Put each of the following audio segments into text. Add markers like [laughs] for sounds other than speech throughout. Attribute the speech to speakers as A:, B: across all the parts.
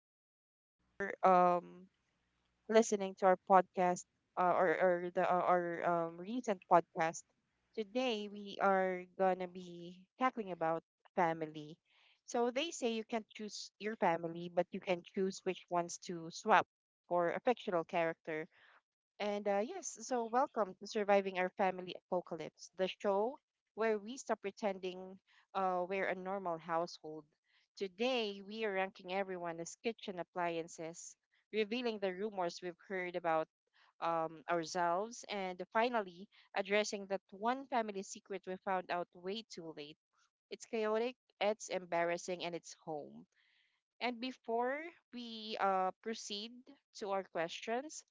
A: thank you so much for listening to our podcast, or the our recent podcast. Today we are gonna be tackling about family. So they say you can't choose your family, but you can choose which ones to swap for a fictional character. So welcome to Surviving Our Family Apocalypse, the show where we stop pretending we're a normal household. Today, we are ranking everyone as kitchen appliances, revealing the rumors we've heard about ourselves, and finally, addressing that one family secret we found out way too late. It's chaotic, it's embarrassing, and it's home. And before we proceed to our questions,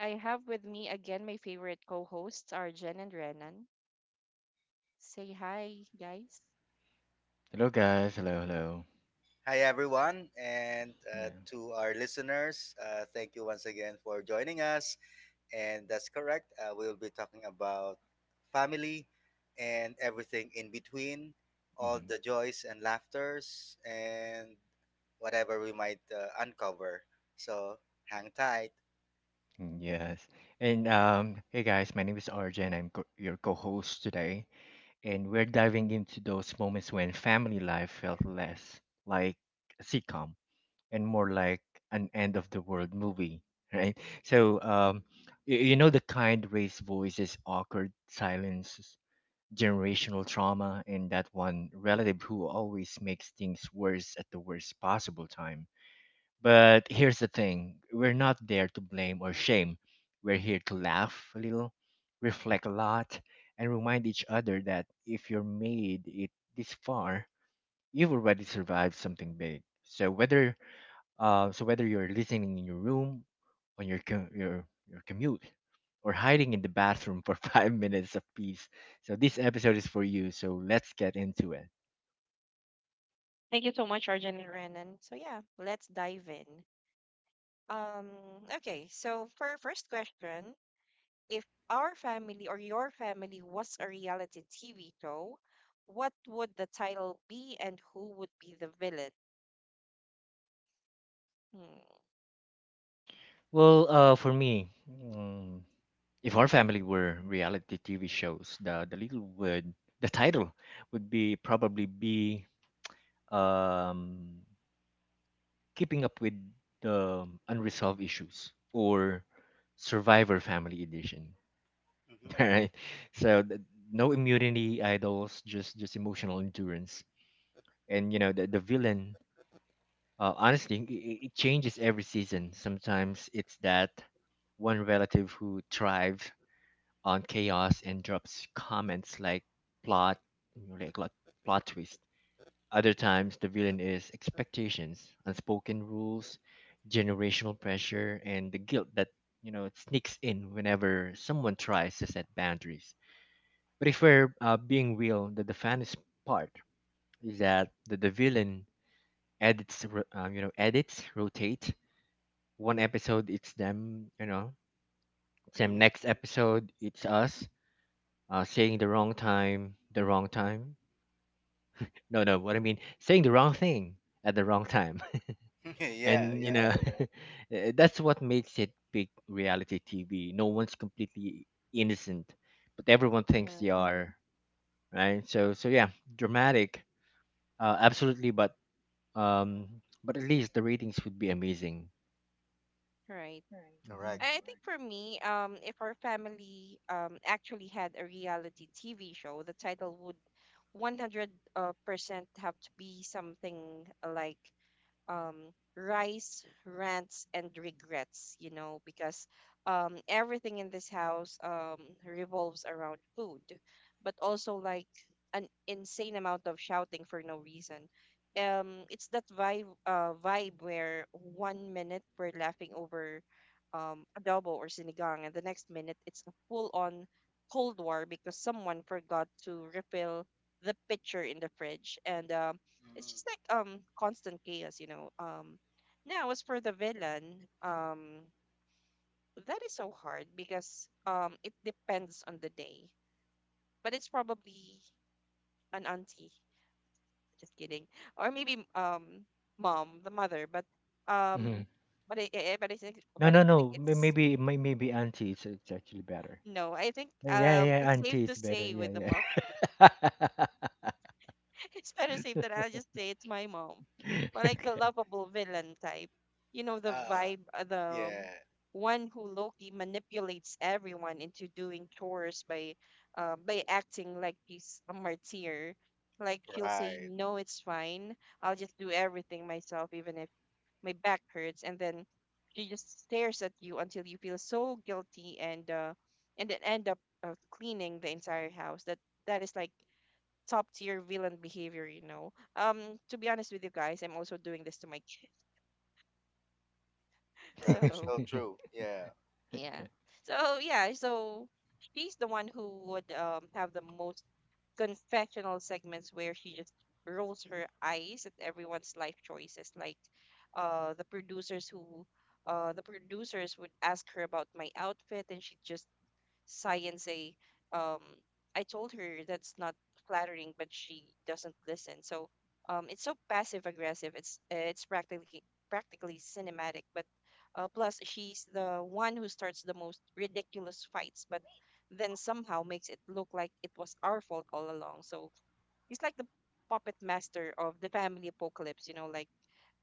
A: I have with me again my favorite co hosts are Jen and Renan. Say hi, guys.
B: Hello guys, hello, hello.
C: Hi, everyone, and
B: Yeah.
C: to our listeners, thank you once again for joining us. And that's correct, we'll be talking about family and everything in between, all
B: hmm
C: the joys and laughters, and whatever we might uncover. So hang tight.
B: Yes. And hey guys, my name is Arjen. I'm your co-host today, and we're diving into those moments when family life felt less like a sitcom and more like an end of the world movie, [laughs] right? So the kind raised voices, awkward silences, generational trauma, and that one relative who always makes things worse at the worst possible time. But here's the thing, we're not there to blame or shame. We're here to laugh a little, reflect a lot, and remind each other that if you're made it this far, you've already survived something big. So whether you're listening in your room, on your co- your commute, or hiding in the bathroom for [laughs] 5 minutes of peace, so this episode is for you. So let's get into it.
A: Thank you so much, Arjen and Renan. So, yeah, let's dive in. Um, okay, so for our first question, if our family or your family was a reality TV show, what would the title be and who would be the villain? Hmm,
B: Well, for me, if our family were reality TV shows, the title would be probably be um, keeping up with the unresolved issues, or Survivor Family Edition.
C: Hmm.
B: [laughs] All right, so no immunity idols, just emotional endurance, and you know the villain. Honestly, it changes every season. Sometimes it's that one relative who thrives on chaos and drops comments like plot like plot twist. Other times the villain is expectations, unspoken rules, generational pressure, and the guilt that, you know, it sneaks in whenever someone tries to set boundaries. But if we're being real, the, funniest part is that the, villain edits, ro- you know, edits rotate. One episode it's them, you know, same
C: Hmm.
B: next episode it's us saying the wrong time. No, no, what I mean, saying the wrong thing at the wrong time.
C: [laughs]
B: [laughs]
C: Yeah,
B: And, you
C: yeah,
B: know, [laughs] that's what makes it big reality TV. No one's completely innocent, but everyone thinks
A: uh,
B: they are, right? So yeah, dramatic, absolutely, um, but at least the ratings would be amazing.
A: right.
C: correct.
A: I
B: Right.
A: think for me, if our family actually had a reality TV show, the title would 100% have to be something like rice, rants, and regrets, you know, because everything in this house revolves around food, but also like an insane amount of shouting for no reason. It's that vibe where one minute we're laughing over adobo or sinigang, and the next minute it's a full-on Cold War because someone forgot to refill the pitcher in the fridge, and it's
C: Mm.
A: just like constant chaos, you know. Now as for the villain, that is so hard because it depends on the day. But it's probably an auntie. Just kidding. Or maybe mom, the mother,
B: hmm hmm
A: um but I-
B: No,
A: but
B: no,
A: I think
B: no.
A: it's
B: Maybe, maybe anti. It's actually better.
A: no, I think
B: Yeah, yeah,
A: it's safe
B: anti.
A: to
B: It's better.
A: say
B: Yeah,
A: with the mom.
B: yeah. [laughs]
A: [laughs] It's better safe than I'll just say it's my mom. But
B: [laughs]
A: like the
B: okay.
A: lovable villain type. You know, the
C: Uh,
A: vibe, the
C: yeah,
A: one who Loki manipulates everyone into doing chores by acting like he's a martyr. Like she'll say,
C: right.
A: "No, it's fine. I'll just do everything myself, even if my back hurts." And then she just stares at you until you feel so guilty and and then end up cleaning the entire house. That is like top tier villain behavior, you know. To be honest with you guys, I'm also doing this to my kid. [laughs]
C: That is
A: So
C: so
B: [laughs]
C: true. Yeah,
A: yeah.
B: okay.
A: So yeah, so she's the one who would have the most confessional segments where she just rolls her eyes at everyone's life choices. Like uh the producers who the producers would ask her about my outfit and she'd just sigh and say, "Um, I told her that's not flattering, but she doesn't listen." So it's so passive aggressive. It's practically cinematic. But plus, she's the one who starts the most ridiculous fights, but then somehow makes it look like it was our fault all along. So he's like the puppet master of the family apocalypse. You know, like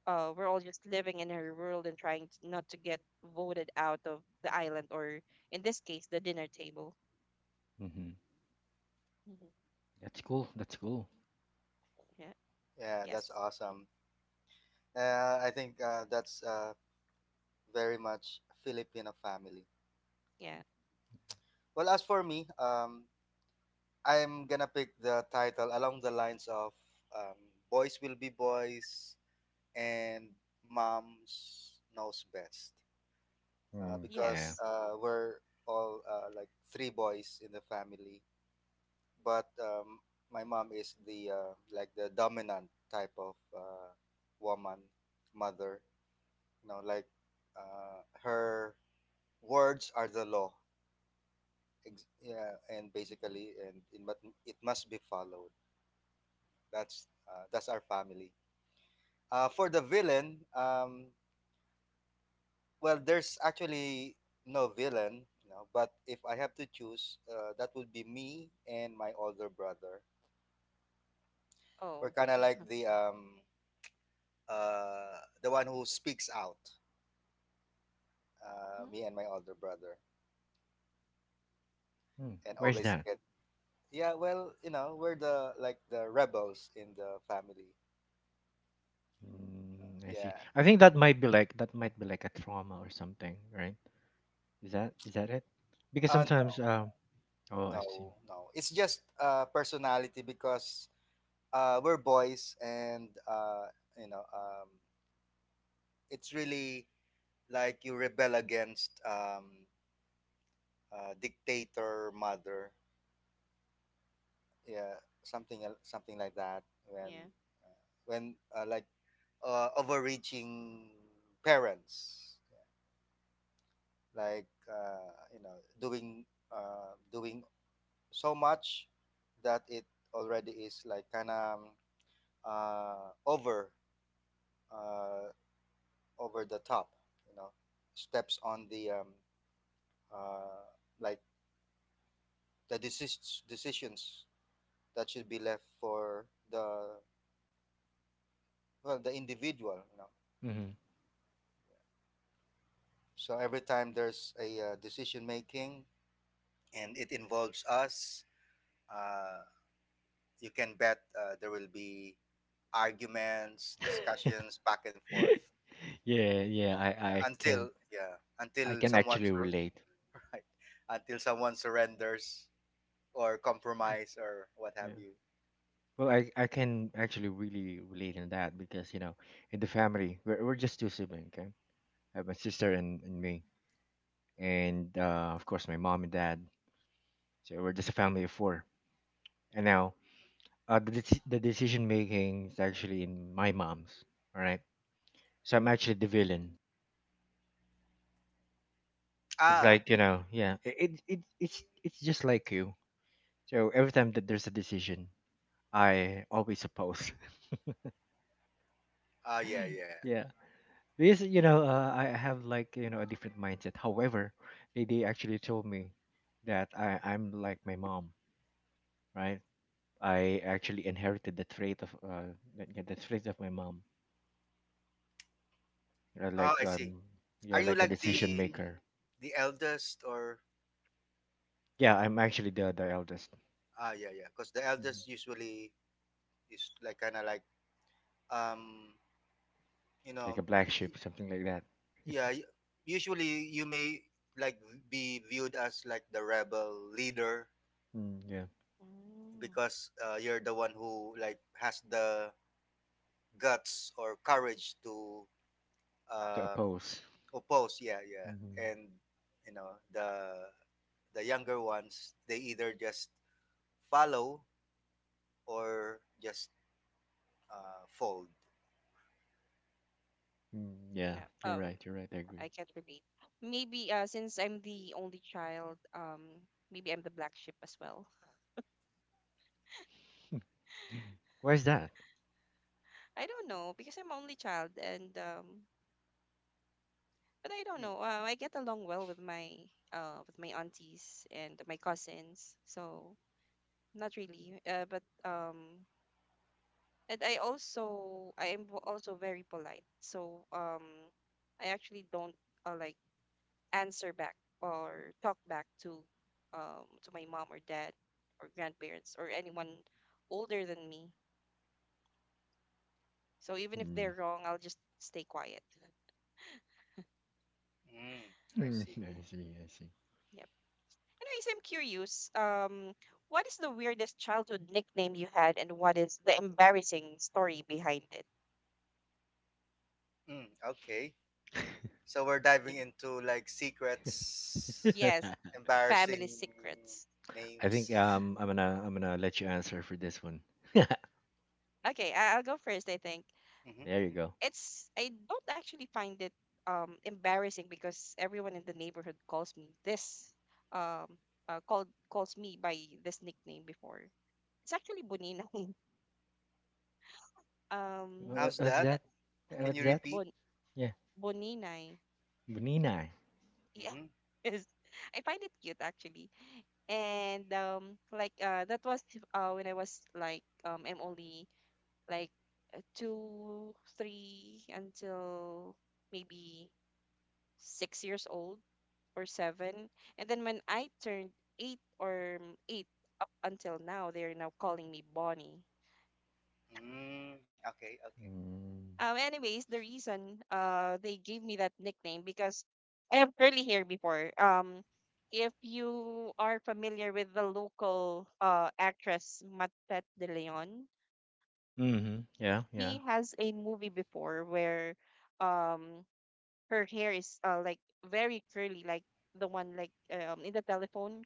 A: we're all just living in her world and trying t- not to get voted out of the island or, in this case, the dinner table.
B: hmm
A: Mhm.
B: That's cool. That's cool.
A: Yeah.
C: yeah, that's
A: Yes.
C: awesome. I think that's very much Filipino family.
A: Yeah.
C: Well, as for me, I'm gonna pick the title along the lines of um, "Boys Will Be Boys" and "Moms Knows Best,"
B: Mm,
C: because
B: yeah.
A: Yes.
C: we're all like three boys in the family, but my mom is the like the dominant type of woman, mother. You know, like her words are the law. Yeah, and basically,
A: Hmm.
C: and it must be followed. That's that's our family. Uh, for the villain, well, there's actually no villain, you know, but if I have to choose, that would be me and my older brother. We're
A: Oh.
C: kind of like
A: [laughs]
C: the one who speaks out, me
A: Mhm.
C: and my older brother,
B: Mm,
C: and
B: where's
C: always
B: that?
C: get. Yeah, well, you know, we're the like the rebels in the family.
B: Mm, I see.
C: Yeah.
B: I think that might be like a trauma or something, right? Is that it? Because
C: uh,
B: sometimes, oh, I see.
C: No, no. It's just personality because we're boys, and you know um it's really like you rebel against dictator mother. Yeah, something something like that when
A: Yeah.
C: uh, like overreaching parents like you know, doing so much that it already is like kind of over, uh, over the top, you know, steps on the uh, like the decisions that should be left for the, well, the individual, you know.
B: hmm
C: So every time there's a decision making and it involves us, uh, you can bet there will be arguments, discussions back and forth.
B: [laughs] yeah, yeah. I can
C: Yeah,
B: I
C: until
B: can
C: someone
B: actually relate.
C: [laughs] right, until someone surrenders or
A: Yeah.
C: compromise or what have
B: Yeah.
C: you.
B: Well, I can actually really relate in that because you know in the family we're just two siblings. Okay, I have my sister and, me. And of course my mom and dad. So we're just a family of four. And now, the decision making is actually in my mom's. All right, so I'm actually the villain. It's
C: Ah,
B: like, you know, yeah, it's just like you. So every time that there's a decision, I always oppose.
C: ah, yeah, yeah.
B: [laughs] Yeah, because, you know, I have, like, you know, a different mindset. However, they actually told me that I'm like my mom, right? I actually inherited the trait of the trait of my mom. Uh,
C: Oh,
B: like
C: I see.
B: um
C: Are
B: yeah,
C: you
B: like a
C: like
B: decision maker.
C: the eldest? Or
B: Yeah, I'm actually the eldest.
C: ah, yeah, yeah? Because the
B: Mhm.
C: eldest usually is like kind of like um, you
B: Like
C: know,
B: a black
C: y-
B: sheep, something like that.
C: yeah. Usually, you may like be viewed as like the rebel leader
B: Mm, yeah,
A: Mm.
C: because you're the one who like has the guts or courage to
B: to
C: um
B: oppose.
C: oppose. Yeah, yeah,
B: hmm
C: and you know the younger ones, they either just follow or just fold?
B: Mm, yeah,
A: Yeah.
B: you're right. You're right. I
A: I
B: agree.
A: can't relate. Maybe since I'm the only child, maybe I'm the black sheep as well.
B: Why is that?
A: [laughs] I don't know because I'm only child, and but I don't
C: Hmm.
A: know. I get along well with my aunties and my cousins, so not really. But And I also also very polite. So I actually don't like answer back or talk back to my mom or dad or grandparents or anyone older than me. So even if
B: Mm.
A: they're wrong, I'll just stay quiet.
C: Mm, I
B: Mm,
C: see.
A: Yeah.
B: [laughs] I see. I see.
A: Yep. Anyways, I'm curious. What is the weirdest childhood nickname you had, and what is the embarrassing story behind it?
C: Mm. Okay. So we're diving
A: Mm.
C: into like secrets,
A: Yes,
B: [laughs]
A: family
C: embarrassing
A: secrets.
B: I think
C: names.
B: I'm gonna let you answer for this one. [laughs]
A: Okay, I'll go first. I think
C: Mm-hmm,
B: there you
C: mm-hmm.
B: go.
A: it's, I don't actually find it embarrassing because everyone in the neighborhood calls me this um called calls me by this nickname before. It's actually Boninay. [laughs] um
C: How's
B: What's
C: that?
A: uh,
B: that?
C: Can you
B: What's that?
C: repeat?
A: Bon
B: Yeah,
A: Boninay.
B: Bunina.
A: Yeah.
C: Mm-hmm.
A: [laughs] Is, I find it cute actually. And like that was when I was like I'm only like two, three until maybe 6 years old or seven. And then when I turned eight, or eight until now, they're now calling me Bonnie.
C: Mm, okay, okay.
B: Mm.
A: Anyways, the reason they gave me that nickname because I have curly hair before. If you are familiar with the local actress Matet De Leon,
B: Mm-hmm. Yeah, yeah.
A: she has a movie before where um her hair is like very curly, like the one like in the telephone.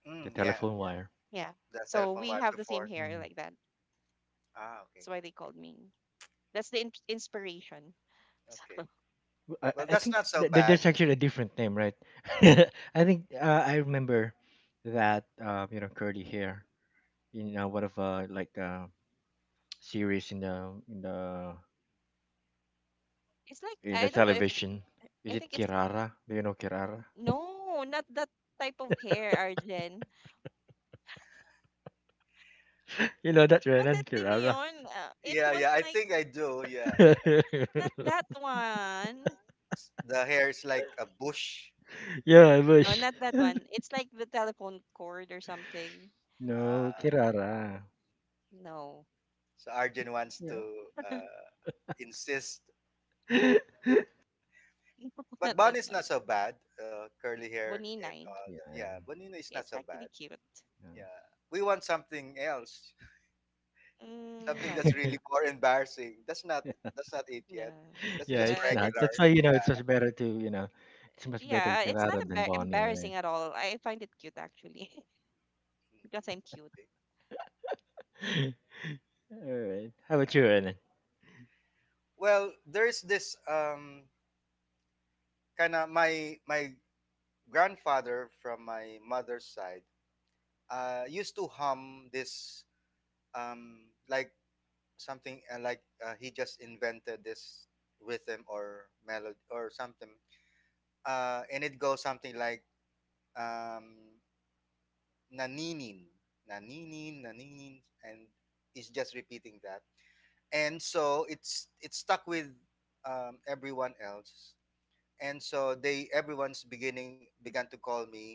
C: Mm,
B: The
C: yeah,
B: telephone
C: yeah.
B: wire.
A: Yeah.
C: The cell
A: So
C: phone
A: we
C: wipe
A: have the
C: before.
A: same hair
B: Mm-hmm.
A: like that.
C: Ah, okay.
A: That's why they called me. That's the inspiration.
C: Okay. Well,
B: I
C: that's
B: think
C: not so bad.
B: there's actually a different name, right? [laughs] I think I remember that, you know, curly hair in, one of, series
A: It's like,
B: in the
A: I don't know if it's.
B: television. Is
A: I
B: it
A: think it's
B: Kirara? Do you know Kirara?
A: no, not that type of hair, Arjen.
B: [laughs] You know that Renan
A: Patat din
B: Kirara.
A: yun. It
C: Yeah,
A: was
C: yeah. I
A: like
C: think I do. Yeah, yeah.
A: not that one.
C: The hair is like a bush.
B: [laughs] Yeah, I
A: No,
B: wish.
A: not that one. It's like the telephone cord or something.
B: No,
C: Ah.
B: Kirara.
A: No,
C: So Arjun wants to
B: Yeah.
A: [laughs]
C: uh, insist,
B: [laughs]
C: but
A: not
C: Bon
A: that
C: is
A: one.
C: not so bad. Curly hair and
A: Boninay.
C: all that.
B: yeah.
C: Yeah, Bonino is not
A: It's
C: so
A: actually
C: bad.
A: cute.
B: um,
C: Yeah, we want something else, [laughs]
A: Mm,
C: something that's
A: none.
B: yeah.
C: really more embarrassing. That's not,
B: [laughs]
C: that's not it yet.
A: No.
B: [laughs]
C: That's
B: Yeah,
C: just
B: it's
A: But
B: not.
A: that's
C: regular.
B: That's why, you know,
C: Yeah.
B: it's much better
A: yeah. It's not
B: Kirara than Bonnie, right?
A: embarrassing at all. I find it cute actually [laughs] because
C: Mhm.
A: I'm cute.
C: Okay.
B: [laughs] All right. How about you, Ellen? [laughs]
C: Well, there's this kind of my grandfather from my mother's side used to hum this like something he just invented this rhythm or melody or something, and it goes something like um, naninin, naninin, naninin, and it's just repeating that. And so it's stuck with everyone else, and so they, everyone's beginning began to call me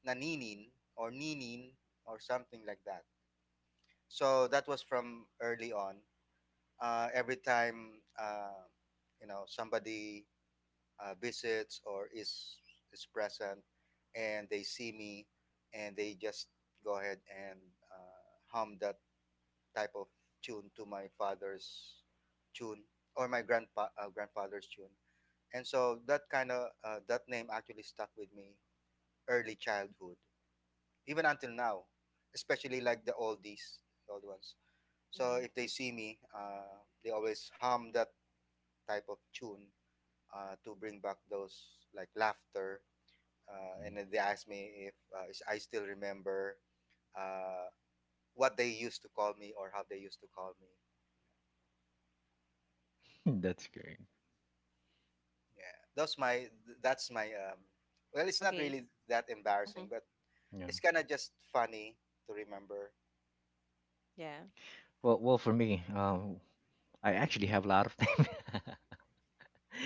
C: naninin or ninin or something like that. So that was from early on. Uh, every time you know, somebody visits or is present, and they see me, and they just go ahead and uh, hum that type of tune, to my father's tune or my grandpa grandfather's tune, and so that kind of that name actually stuck with me, early childhood, even until now, especially like the oldies, the old ones. So
A: Mhm.
C: if they see me, they always hum that type of tune to bring back those like laughter. And then they asked me if, I still remember uh, what they used to call me or how they used to call me.
B: That's great.
C: Yeah, that's my, that's my. Well, it's not
A: Okay.
C: really that embarrassing,
A: Hmm.
C: but
B: Yeah.
C: it's kind of just funny to remember.
A: Yeah.
B: Well, for me, I actually have a lot of them. [laughs]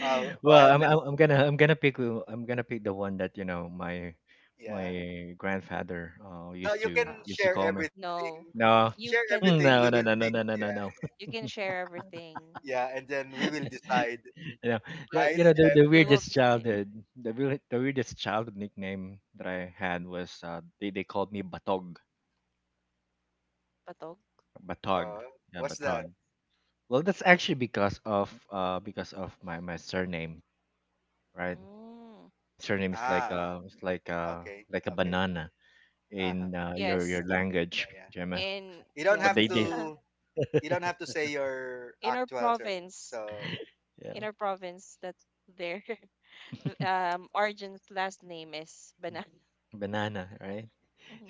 C: Oh, go
B: Well,
C: ahead. Let's,
B: I'm gonna I'm gonna pick the one that, you know,
C: yeah.
B: my grandfather
C: No, you
A: Um,
C: can
B: used to
C: share
B: call me.
C: everything.
A: no.
B: No,
C: Share
A: You
B: [laughs]
A: can,
C: everything. We will
B: no, no, no,
C: pick.
B: no, no, no, no, no.
A: you can share everything.
C: Yeah, yeah, and then we
B: [laughs]
C: will decide,
B: You know that,
C: right,
B: you know,
A: Yes.
C: Jeff?
A: They will decide.
B: the weirdest childhood nickname that I had was they called me Batog.
A: Patog.
B: Batog,
C: Uh,
B: yeah,
C: what's
B: Batog.
C: that?
B: Well, that's actually because of my surname, right?
A: Mm.
B: My surname is like
C: Ah,
B: it's
C: okay,
B: like a
C: okay.
B: banana
C: Uh-huh.
B: in,
A: Yes.
B: your language.
C: Yeah, yeah.
B: Gemma,
A: In
C: You don't
B: but
A: yes.
C: have
B: they
C: to, you don't
B: [laughs]
C: have to say your
A: In our
C: actual surname.
A: province,
C: So
B: yeah,
A: in our province that their [laughs] Arjun's last name is Banana.
B: banana, right?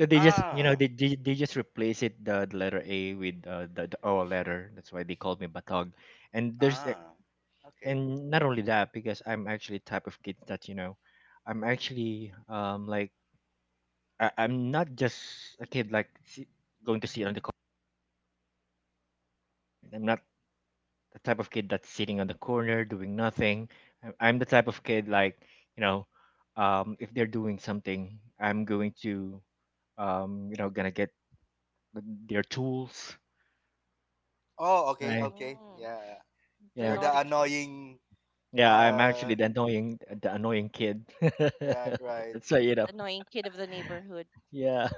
B: So they just, you know,
C: ah,
B: they
A: mhm.
B: just replace it the letter A with, the O letter. That's why they call me Batog. And there's a-
C: ah. Okay.
B: and not only that, because I'm actually type of kid that, you know, I'm actually like I'm not just a kid like si- going to sit on the corner, right? I'm not the type of kid that's sitting on the corner doing nothing. I'm the type of kid like, you know, if they're doing something, I'm going to, you know, gonna get their tools,
C: Oh, okay,
B: right?
C: okay.
A: Mm.
C: Yeah.
A: The
C: You're
B: Yeah.
C: the
A: naughty kid.
C: annoying
B: Yeah, I'm
C: uh
B: actually the annoying kid. [laughs]
C: right, right.
B: That's why, you know.
A: The annoying kid of the neighborhood.
B: Yeah.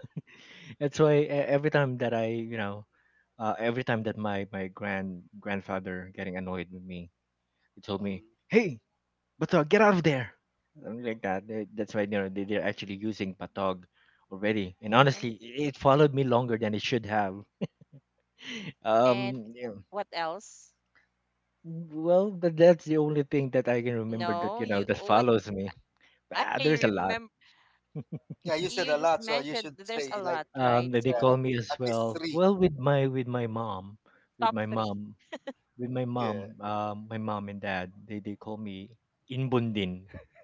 B: That's why every time that I, you know, every time that my grandfather getting annoyed with me, he told
A: Mm.
B: me,
C: Mhm.
B: "Hey, Batog, get out of there." Something like that. That's why you know they, they're actually using Batog already. And
A: And
B: honestly, it followed me longer than it should have. [laughs]
A: and
B: Yeah.
A: what else?
B: Well, but that's the only thing that I can remember that,
A: No,
B: you know,
A: you
B: that
A: what.
B: follows me.
A: [laughs]
B: Ah,
A: I
B: there's a lot.
A: remember,
C: Yeah, you said
A: you
C: a
A: just
C: lot, so you
A: mentioned
C: should
A: th- there's a
C: say like
A: lot, right?
B: They call
C: yeah,
A: So
B: me as
C: at
B: well,
C: least 3.
B: with my mom with
A: top
B: my
A: three.
B: mom with my mom.
C: Yeah.
B: My mom and dad, they call me inbundin. [laughs]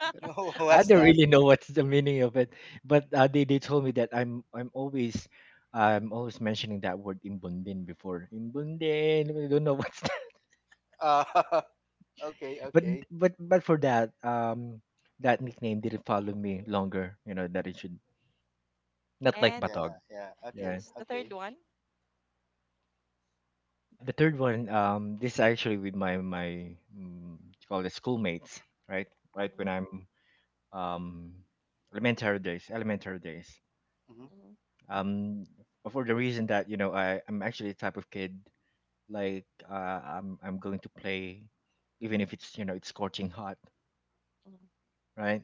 A: [laughs]
C: [laughs] Oh,
B: I
C: what's
B: don't
C: that?
B: really know what's the meaning of it, but they told me that I'm always mentioning that word inbundin before. Inbundin, I don't know what's that.
C: Uh, [laughs] okay,
B: [laughs] but
C: okay.
B: but for that, that nickname didn't follow me longer, you know, that it should, not like
A: And
B: Batog.
C: Yeah, yeah.
B: Yeah,
C: Okay,
A: yes, the
C: okay.
A: third one.
B: Yeah, the third one. This is actually with my call it schoolmates, right? Right
A: Mm,
B: when I'm, um elementary days.
C: Mhm.
A: mm,
B: Um, for the reason that, you know, I'm actually the type of kid like, I'm going to play even if it's, you know, it's scorching hot,
A: mm.
B: right?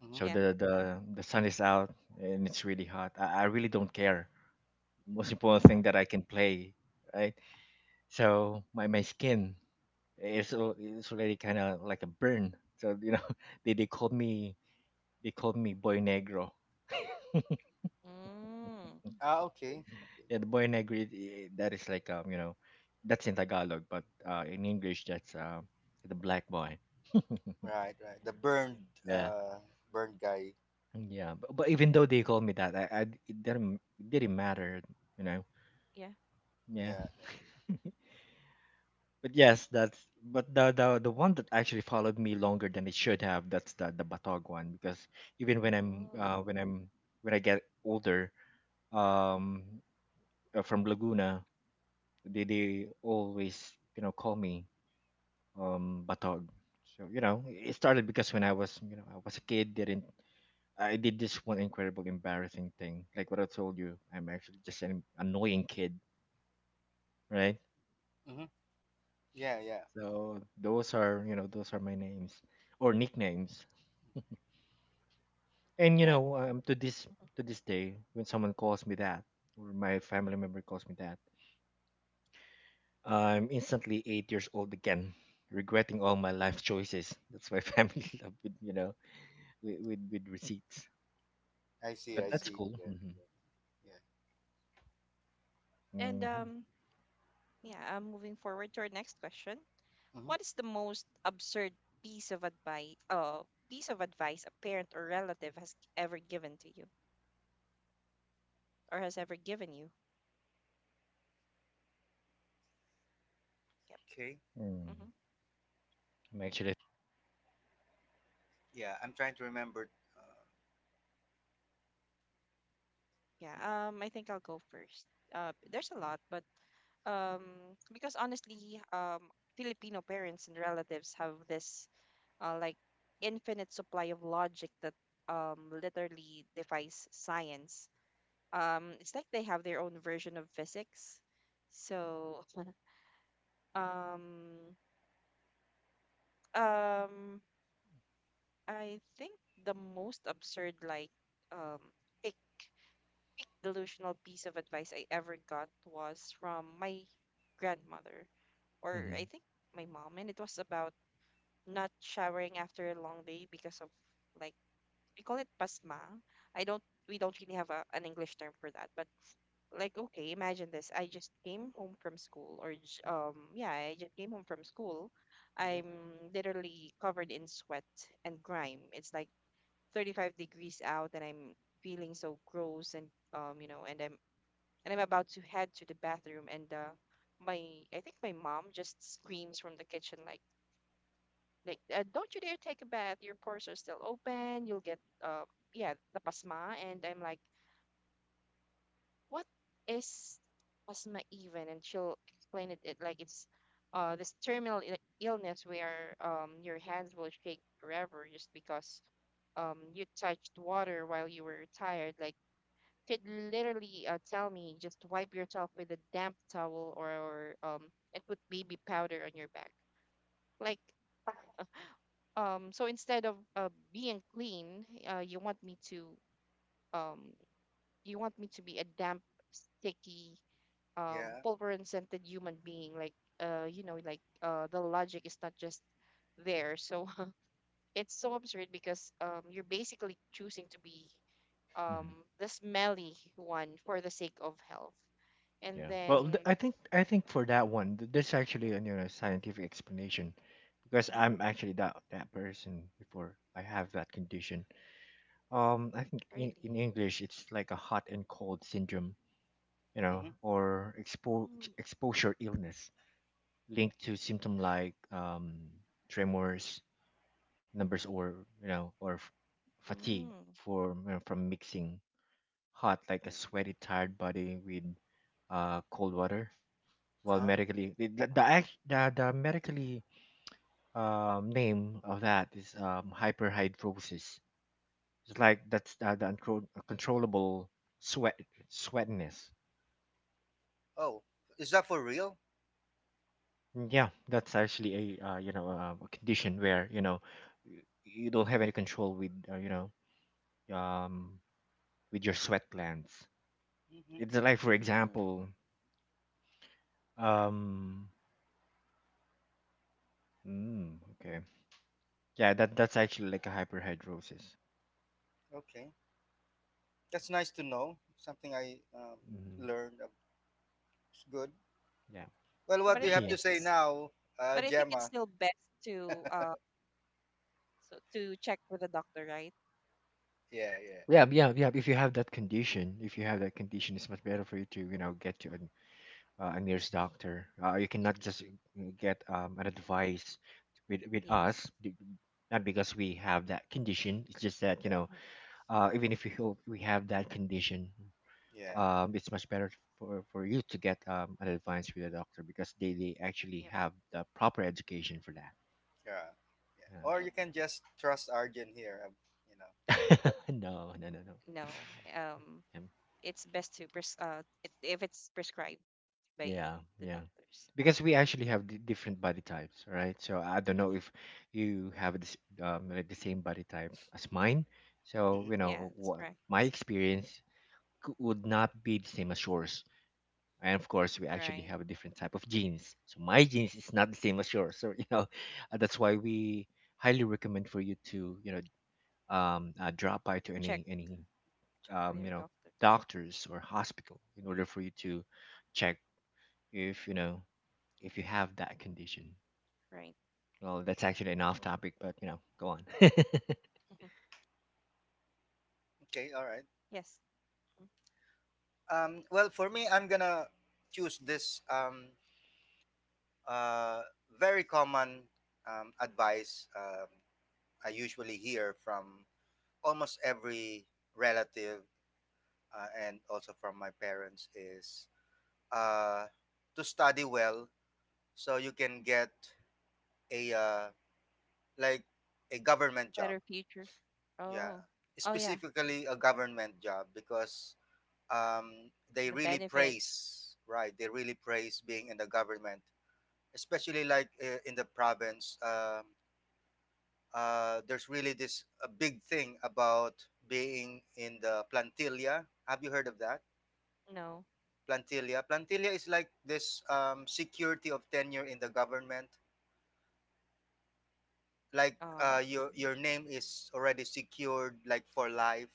C: Mhm.
B: So
A: Yeah.
B: the sun is out and it's really hot. I really don't care. Most important
A: Uh,
B: thing that I can play, right? So my skin, it's already kind of like a burn. So, you know, [laughs] they they called me they called me boy negro.
A: mm,
C: Ah, okay. Okay.
B: Yeah, the boy negro, that is like, you know, that's in Tagalog, but in English that's, the black boy. [laughs]
C: Right, right. The burned,
B: Yeah,
C: uh, burned guy.
B: yeah. But even though they called me that, it didn't matter. You know,
A: yeah. Yeah.
B: yeah.
C: Yeah, yeah.
B: [laughs] But yes, that's but the one that actually followed me longer than it should have. That's the Batog one because even
A: Mm.
B: when I'm when I get older, um from Laguna, they always, you know, call me, Batog. So, you know, it started because when I was, you know, I was a kid, didn't I did this one incredible embarrassing thing. Like what I told you, I'm actually just an annoying kid, right?
C: Mm-hmm. Yeah, yeah.
B: So those are, you know, those are my names or nicknames. And, you
A: Okay.
B: know,
A: Mhm.
B: to this day, when someone calls me that, or my family member calls me that, I'm instantly 8 years old again, regretting all my life choices. [laughs] That's why family [laughs] love with, you know, with receipts.
C: I see,
B: But
C: I
B: that's
A: Mhm.
C: see.
B: cool.
C: Yeah,
B: Mm hmm
C: yeah.
A: And
B: Mm-hmm.
A: um, yeah, moving forward to our next question.
C: Mm-hmm.
A: What is the most absurd piece of advice uh piece of advice a parent or relative has ever given to you or has ever given you? Yep.
C: Okay.
B: Mm.
A: Hmm.
B: I'm actually.
C: Yeah, I'm trying to remember. Uh,
A: Yeah. Um, I think I'll go first. Uh, there's a lot, but um because honestly Filipino parents and relatives have this like infinite supply of logic that literally defies science. It's like they have their own version of physics, so um Um, I think the most absurd, like, um, ick, delusional piece of advice I ever got was from my grandmother, or
B: hmm
A: I think my mom, and it was about not showering after a long day because of, like, we call it pasma. I don't, we don't really have an English term for that, but like, okay, imagine this. I just came home from school, yeah, I just came home from school.
C: mm-hmm.
A: I'm literally covered in sweat and grime. It's like 35 degrees out and I'm feeling so gross and you know, and I'm about to head to the bathroom and my, I think my mom just screams from the kitchen like, "Don't you dare take a bath, your pores are still open, you'll get uh yeah the pasma." And I'm like, what is pasma even? And she'll explain it, it like it's this terminal illness where your hands will shake forever just because you touched water while you were tired. Like, could literally tell me just wipe yourself with a damp towel or and put baby powder on your back. Like, so instead of being clean, um you want me to be a damp, sticky,
C: Yeah.
A: pulver and scented human being. Like you know, like the logic is not just there. So [laughs] it's so absurd because you're basically choosing to be um
B: hmm
A: the smelly one for the sake of health, and
B: Yeah.
A: then
B: Well, I think for that one, there's actually a, you know, scientific explanation, because
A: Mhm.
B: I'm actually that person before. I have that condition. I think
A: Really?
B: in English it's like a hot and cold syndrome, you know,
C: Mm-hmm.
B: or
A: Mm.
B: exposure illness linked to symptom like, tremors, numbers, or, you know, or fatigue
A: Mm.
B: for, you know, from mixing hot, like a
A: Yeah.
B: sweaty, tired body with, cold water. Well,
C: Huh.
B: medically, the,
A: Wow.
B: act- the medically name of that is hyperhidrosis. It's like that's the uncontrollable sweat sweatiness.
C: Oh, is that for real?
B: Yeah, that's actually a condition where you don't have any control with um, with your sweat glands.
C: Mm-hmm.
B: It's like, for
A: Mm.
B: example, um, okay, yeah, that's actually like a hyperhidrosis.
C: Okay. That's nice to know. Something I
B: Mm,
C: learned. It's good.
B: yeah,
C: Well,
A: Yeah,
C: what
A: but
C: do
A: I
B: [laughs]
C: you
A: think
C: have
B: yeah,
C: to say
A: it's,
C: now,
A: but I think it's
C: Gemma?
A: still best to check with the doctor, right?
C: Yeah, yeah,
B: yeah, yeah, yeah. If you have that condition, if you have that condition, it's much better for you to get to a nearest doctor. You cannot just get an advice with us.
A: Yes.
B: Not because we have that condition. It's just that you
C: yeah,
B: know,
A: Hmm.
B: even if we have that condition,
C: yeah,
A: Okay.
B: it's much better for you to get an advice with a doctor because they actually
A: Yep.
B: have the proper education for that.
C: yeah, yeah. Or
A: Yep.
C: you can just trust Arjun here. You know
B: Yeah.
C: about.
B: [laughs] No, no, no, no.
A: No. Um,
B: Um,
A: it's best to if it's prescribed by
B: Yeah,
A: the
B: yeah.
A: doctors.
B: Because we actually have different body types, right? So I don't know
A: Mm-hmm.
B: if you have this, like the same body type as mine. So,
C: Mhm.
B: you
A: Yeah,
B: know,
A: that's
B: wha
A: correct.
B: my experience would not be the same as yours. And of course we actually
A: Right.
B: have a different type of genes, so my genes is not the same as yours, [laughs] so you know. [laughs] That's why we highly recommend for you to drop by to
A: Check,
B: any
A: check
B: um,
A: with
B: you
A: your
B: know
A: doctor.
B: doctors or hospital in order for you to check if you know if you have that condition.
A: Right.
B: Well, that's actually an off topic, but you know, go on. [laughs]
A: Hmm.
C: Okay. All right.
A: Yes. Mhm.
C: Well, for me, I'm gonna choose this uh, very common advice I usually hear from almost every relative and also from my parents is uh, to study well so you can get a, like a government job.
A: Better future.
C: Yeah,
A: Oh. Oh yeah.
C: specifically a government job because they
A: The
C: really
A: benefits.
C: praise, right. They really praise being in the government, especially like in the province. There's really this a big thing about being in the plantilla. Have you heard of that?
A: No.
C: Plantilla, plantilla is like this security of tenure in the government, like
A: Um,
C: your name is already secured like for life.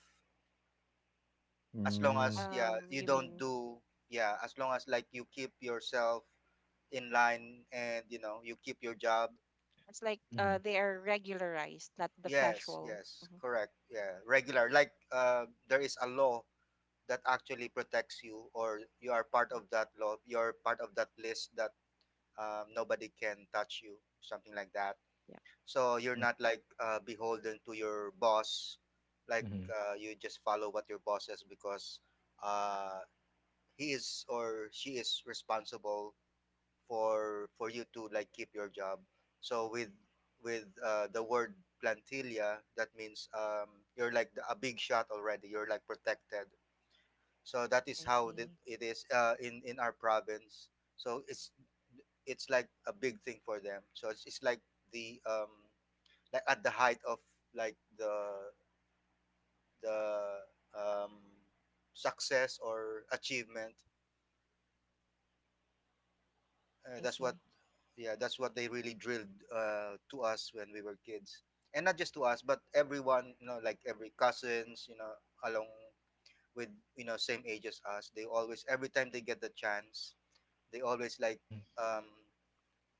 C: As long Mm-hmm. as
B: Mm,
C: yeah you
A: you
C: don't
A: mean
C: do, yeah, as long as like you keep yourself in line, and you know you keep your job.
A: it's like
B: mhm,
A: they are regularized, not the
C: Yes,
A: casual.
C: yes,
A: Mm-hmm.
C: correct. Yeah, regular. Like there is a law that actually protects you, or you are part of that law. You're part of that list that nobody can touch you, something like that.
A: Yeah.
C: So you're
B: mhm,
C: not like beholden to your boss. Like
B: mhm,
C: you just follow what your boss says because uh, he is or she is responsible for you to like keep your job. So with, with the word plantilla, that means you're like a big shot already. You're like protected. So that is
A: I
C: how the,
A: see.
C: it is in our province. So it's like a big thing for them. So it's like the um, like at the height of like the um success or achievement. Uh,
A: I
C: that's what,
A: see.
C: yeah, that's what they really drilled to us when we were kids, and not just to us, but everyone, you know, like every cousins, you know, along with, you know, same age as us. They always, every time they get the chance, they always like,
B: mhm,
C: um,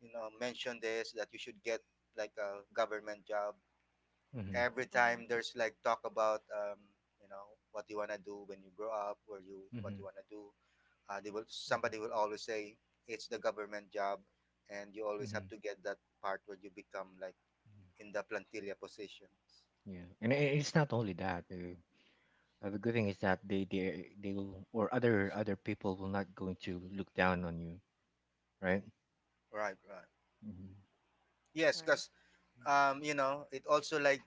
C: you know, mention this that you should get like a government job.
B: mhm,
C: Every
A: Mm-hmm.
C: time there's like talk about, you know, what you wanna do when you grow up, or you,
B: mhm,
C: what
B: mhm,
C: you wanna do, they will, somebody will always say it's the government job, and you always have
B: mhm,
C: to get that part where you become like in the plantilla positions,
B: yeah. Yeah. And it's not only that. The good thing is that they will or other people will not going to look down on you, right?
C: right, right.
B: Hmm.
C: Yes,
A: Right.
C: because you know, it also like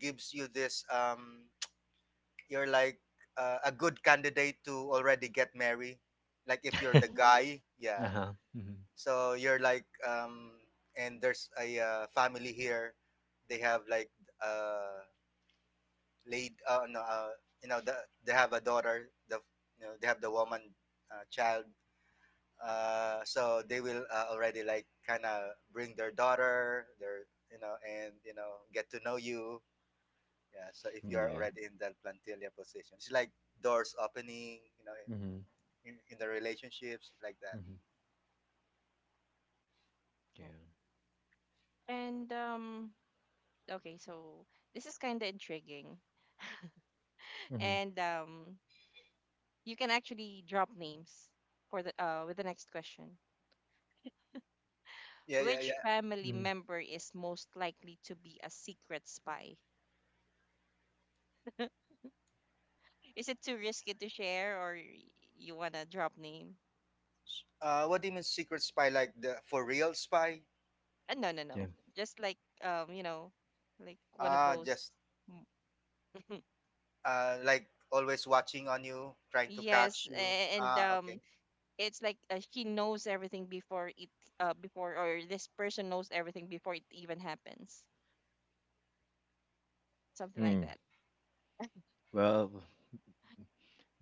C: gives you this [tsk] you're like a good candidate to already get married, like if you're the
A: Mhm.
C: guy,
B: [laughs] Uh
C: yeah.
B: huh. Mm-hmm.
C: So you're like um, and there's a family here, they have like uh laid no, you know the, they have a daughter, the, you know, they have the woman child, so they will already like kind of bring their daughter, their, you know, and you know, get to know you. Yeah, so if you're
B: Yeah.
C: already in that plantilla position, it's like doors opening, you know,
B: Mm-hmm.
C: in the relationships like that.
B: Mm-hmm. Yeah.
A: Right. And okay, so this is kind of intriguing, [laughs]
B: Mm-hmm.
A: and you can actually drop names for the with the next question.
C: Yeah, yeah,
A: Which
C: yeah.
A: family
B: Mm-hmm.
A: member is most likely to be a secret spy? Is it too risky to share, or you wanna drop name?
C: What do you mean secret spy, like the for real spy?
A: No, no,
B: Yeah.
A: no. Just like um, you know, like one of
C: Ah,
A: those.
C: just
A: Mm. [laughs]
C: like always watching on you, trying to
A: Yes,
C: catch you,
A: a- and
C: ah,
A: um,
C: okay.
A: it's like, she knows everything before it, before, or this person knows everything before it even happens. Something like
B: Mm.
A: that.
B: Well,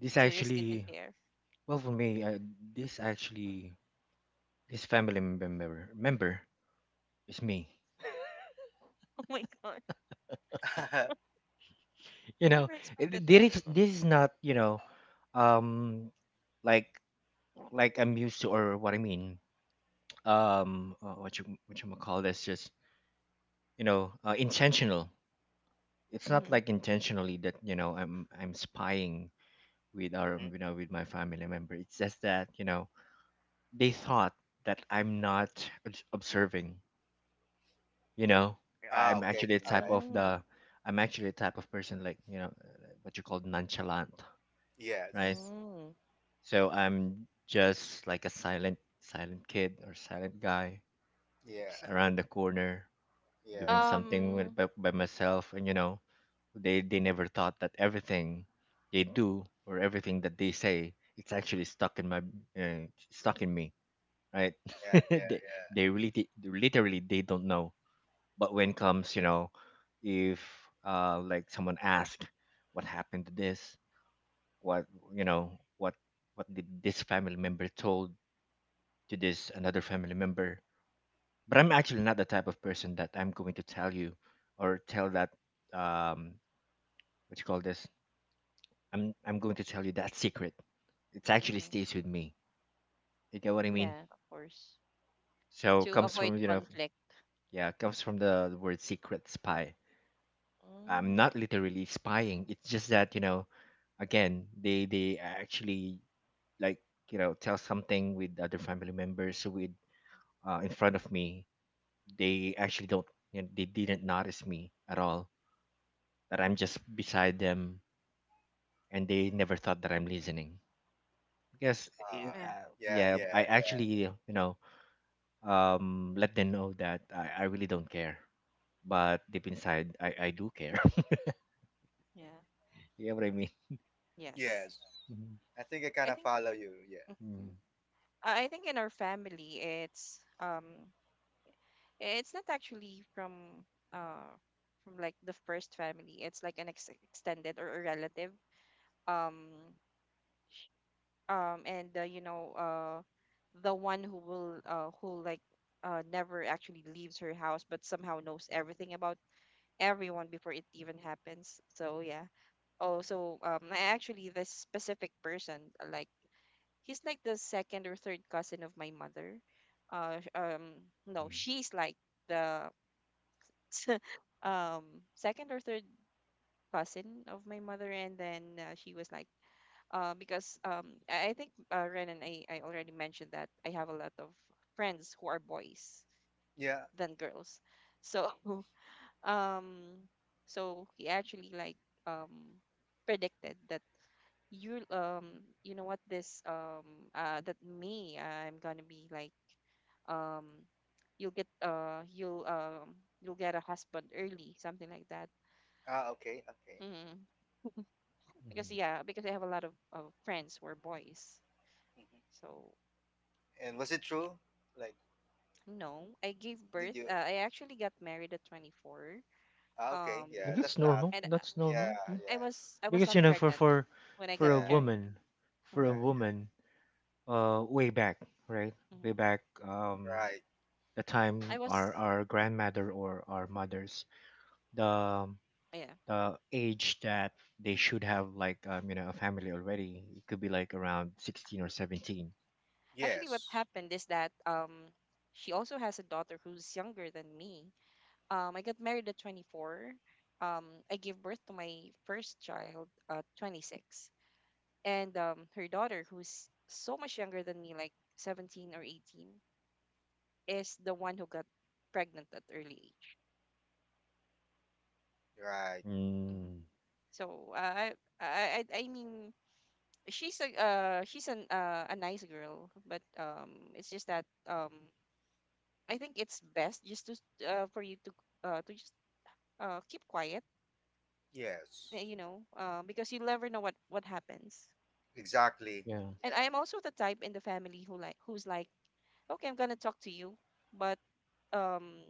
B: this
A: To risk it to
B: actually,
A: share. [laughs]
B: well for me, I, this actually, this family member is me.
A: Oh my god,
C: [laughs]
B: [laughs] You
A: I
B: know,
A: never expected that.
B: this is not you know, um, like I'm used to, or what I mean. What you call this? Just you know intentional. It's not
A: Mm-hmm.
B: like intentionally that you know I'm spying with our
C: Hmm.
B: you know with my family member. It's just that you know they thought that I'm not observing, you know.
C: Ah,
B: i'm
C: okay.
B: actually a
C: All
B: type
C: right.
B: of
A: Mm,
B: the I'm actually a type of person, like, you know, what you call nonchalant, right?
C: Yes.
A: mm.
B: So I'm just like a silent kid or silent guy just
C: Yeah.
B: around the corner
C: Yeah.
B: doing something with,
A: Um.
B: by myself, and you know they never thought that everything they do or everything that they say, it's actually stuck in my stuck in me, right? [laughs]
C: Yeah. Yeah.
B: they
A: Mm-hmm.
C: Yeah.
B: they really literally they don't know. But when comes, you know, if like someone asks, what happened to this, what, you know, what did this family member told to this another family member. But I'm actually not the type of person that I'm going to tell you or tell that um what you call this. I'm going to tell you that secret. It
C: Hmm.
B: actually
A: Mm-hmm.
B: stays with me. You get what I mean?
A: Yeah, of course.
B: So
A: To
B: comes from
A: avoid
B: you know,
A: conflict.
B: yeah, comes from the word secret spy. I'm
A: Mm.
B: not literally spying. It's just that, you know, again, they actually like you know tell something with other family members with in front of me. They actually don't, you know, they didn't notice me at all. That I'm just beside them, and they never thought that I'm listening. Because it,
C: Ah.
A: Yeah.
C: Yeah.
B: yeah,
C: Yeah.
B: I actually you know let them know that I really don't care. But deep inside, I do care.
A: Yeah.
B: [laughs] You know what I mean?
A: Yes.
C: Yes.
B: Mhm,
C: I think I kind
A: I
C: of
A: think.
C: follow you. Yeah.
A: Mm-hmm.
B: mhm,
A: I think in our family, it's not actually from, uh, like, the first family. It's like an extended or a relative. Um, sh- um, and uh, you know, uh, the one who will, who, like, never actually leaves her house, but somehow knows everything about everyone before it even happens. So yeah. Also, I actually this specific person, like, he's like the second or third cousin of my mother. Uh, sh- um, no,
B: mhm,
A: she's like the um second or third cousin of my mother, and then, she was like, because, I think, Ren and I already mentioned that I have a lot of friends who are boys
C: Yeah.
A: than girls, so [laughs] um, so he actually, like, um predicted that you, you know what, this that me, I'm gonna be like, um you'll get, you'll, you'll get a husband early, something like that.
C: Ah. Okay. Okay.
A: Hmm.
B: mhm.
A: Because, yeah, because I have a lot of friends who are boys,
C: Hmm.
A: so
C: And was it
A: yeah.
C: true? Like,
A: No, I gave
C: did
A: birth—
C: you?
A: I actually got married at 24,
C: Ah. Okay.
A: um
B: And
C: Yeah.
B: that's
C: That's not.
B: normal.
A: and
B: That's
C: Yeah.
B: normal. Yeah.
A: i
C: Yeah.
A: was i was
B: Because,
A: not
B: you know, for
A: pregnant when I
B: for
A: got
B: a
A: [laughs]
C: Yeah.
A: married.
B: woman, for a
A: Uh-huh.
C: Yeah.
B: woman, way back, right? Way back,
A: Hmm.
C: Right.
B: the time
A: I was
B: our grandmother or our mothers, the
A: Yeah,
B: the age that they should have like, you know, a family already, it could be like around 16 or 17.
A: actually, what
C: Yes.
A: happened is that, she also has a daughter who's younger than me. I got married at 24. Um, I gave birth to my first child at 26. And, her daughter, who's so much younger than me, like 17 or 18, is the one who got pregnant at early age.
C: Right.
A: Hmm.
B: Mm.
A: So, I mean, she's a, she's an a nice girl, but, it's just that, I think it's best just to, for you to, to just, keep quiet,
C: Yes.
A: because you never know what happens.
C: Exactly.
B: Yeah,
A: And I am
C: Yeah.
A: also the type in the family who, like, who's like, okay, I'm gonna talk to you, but, um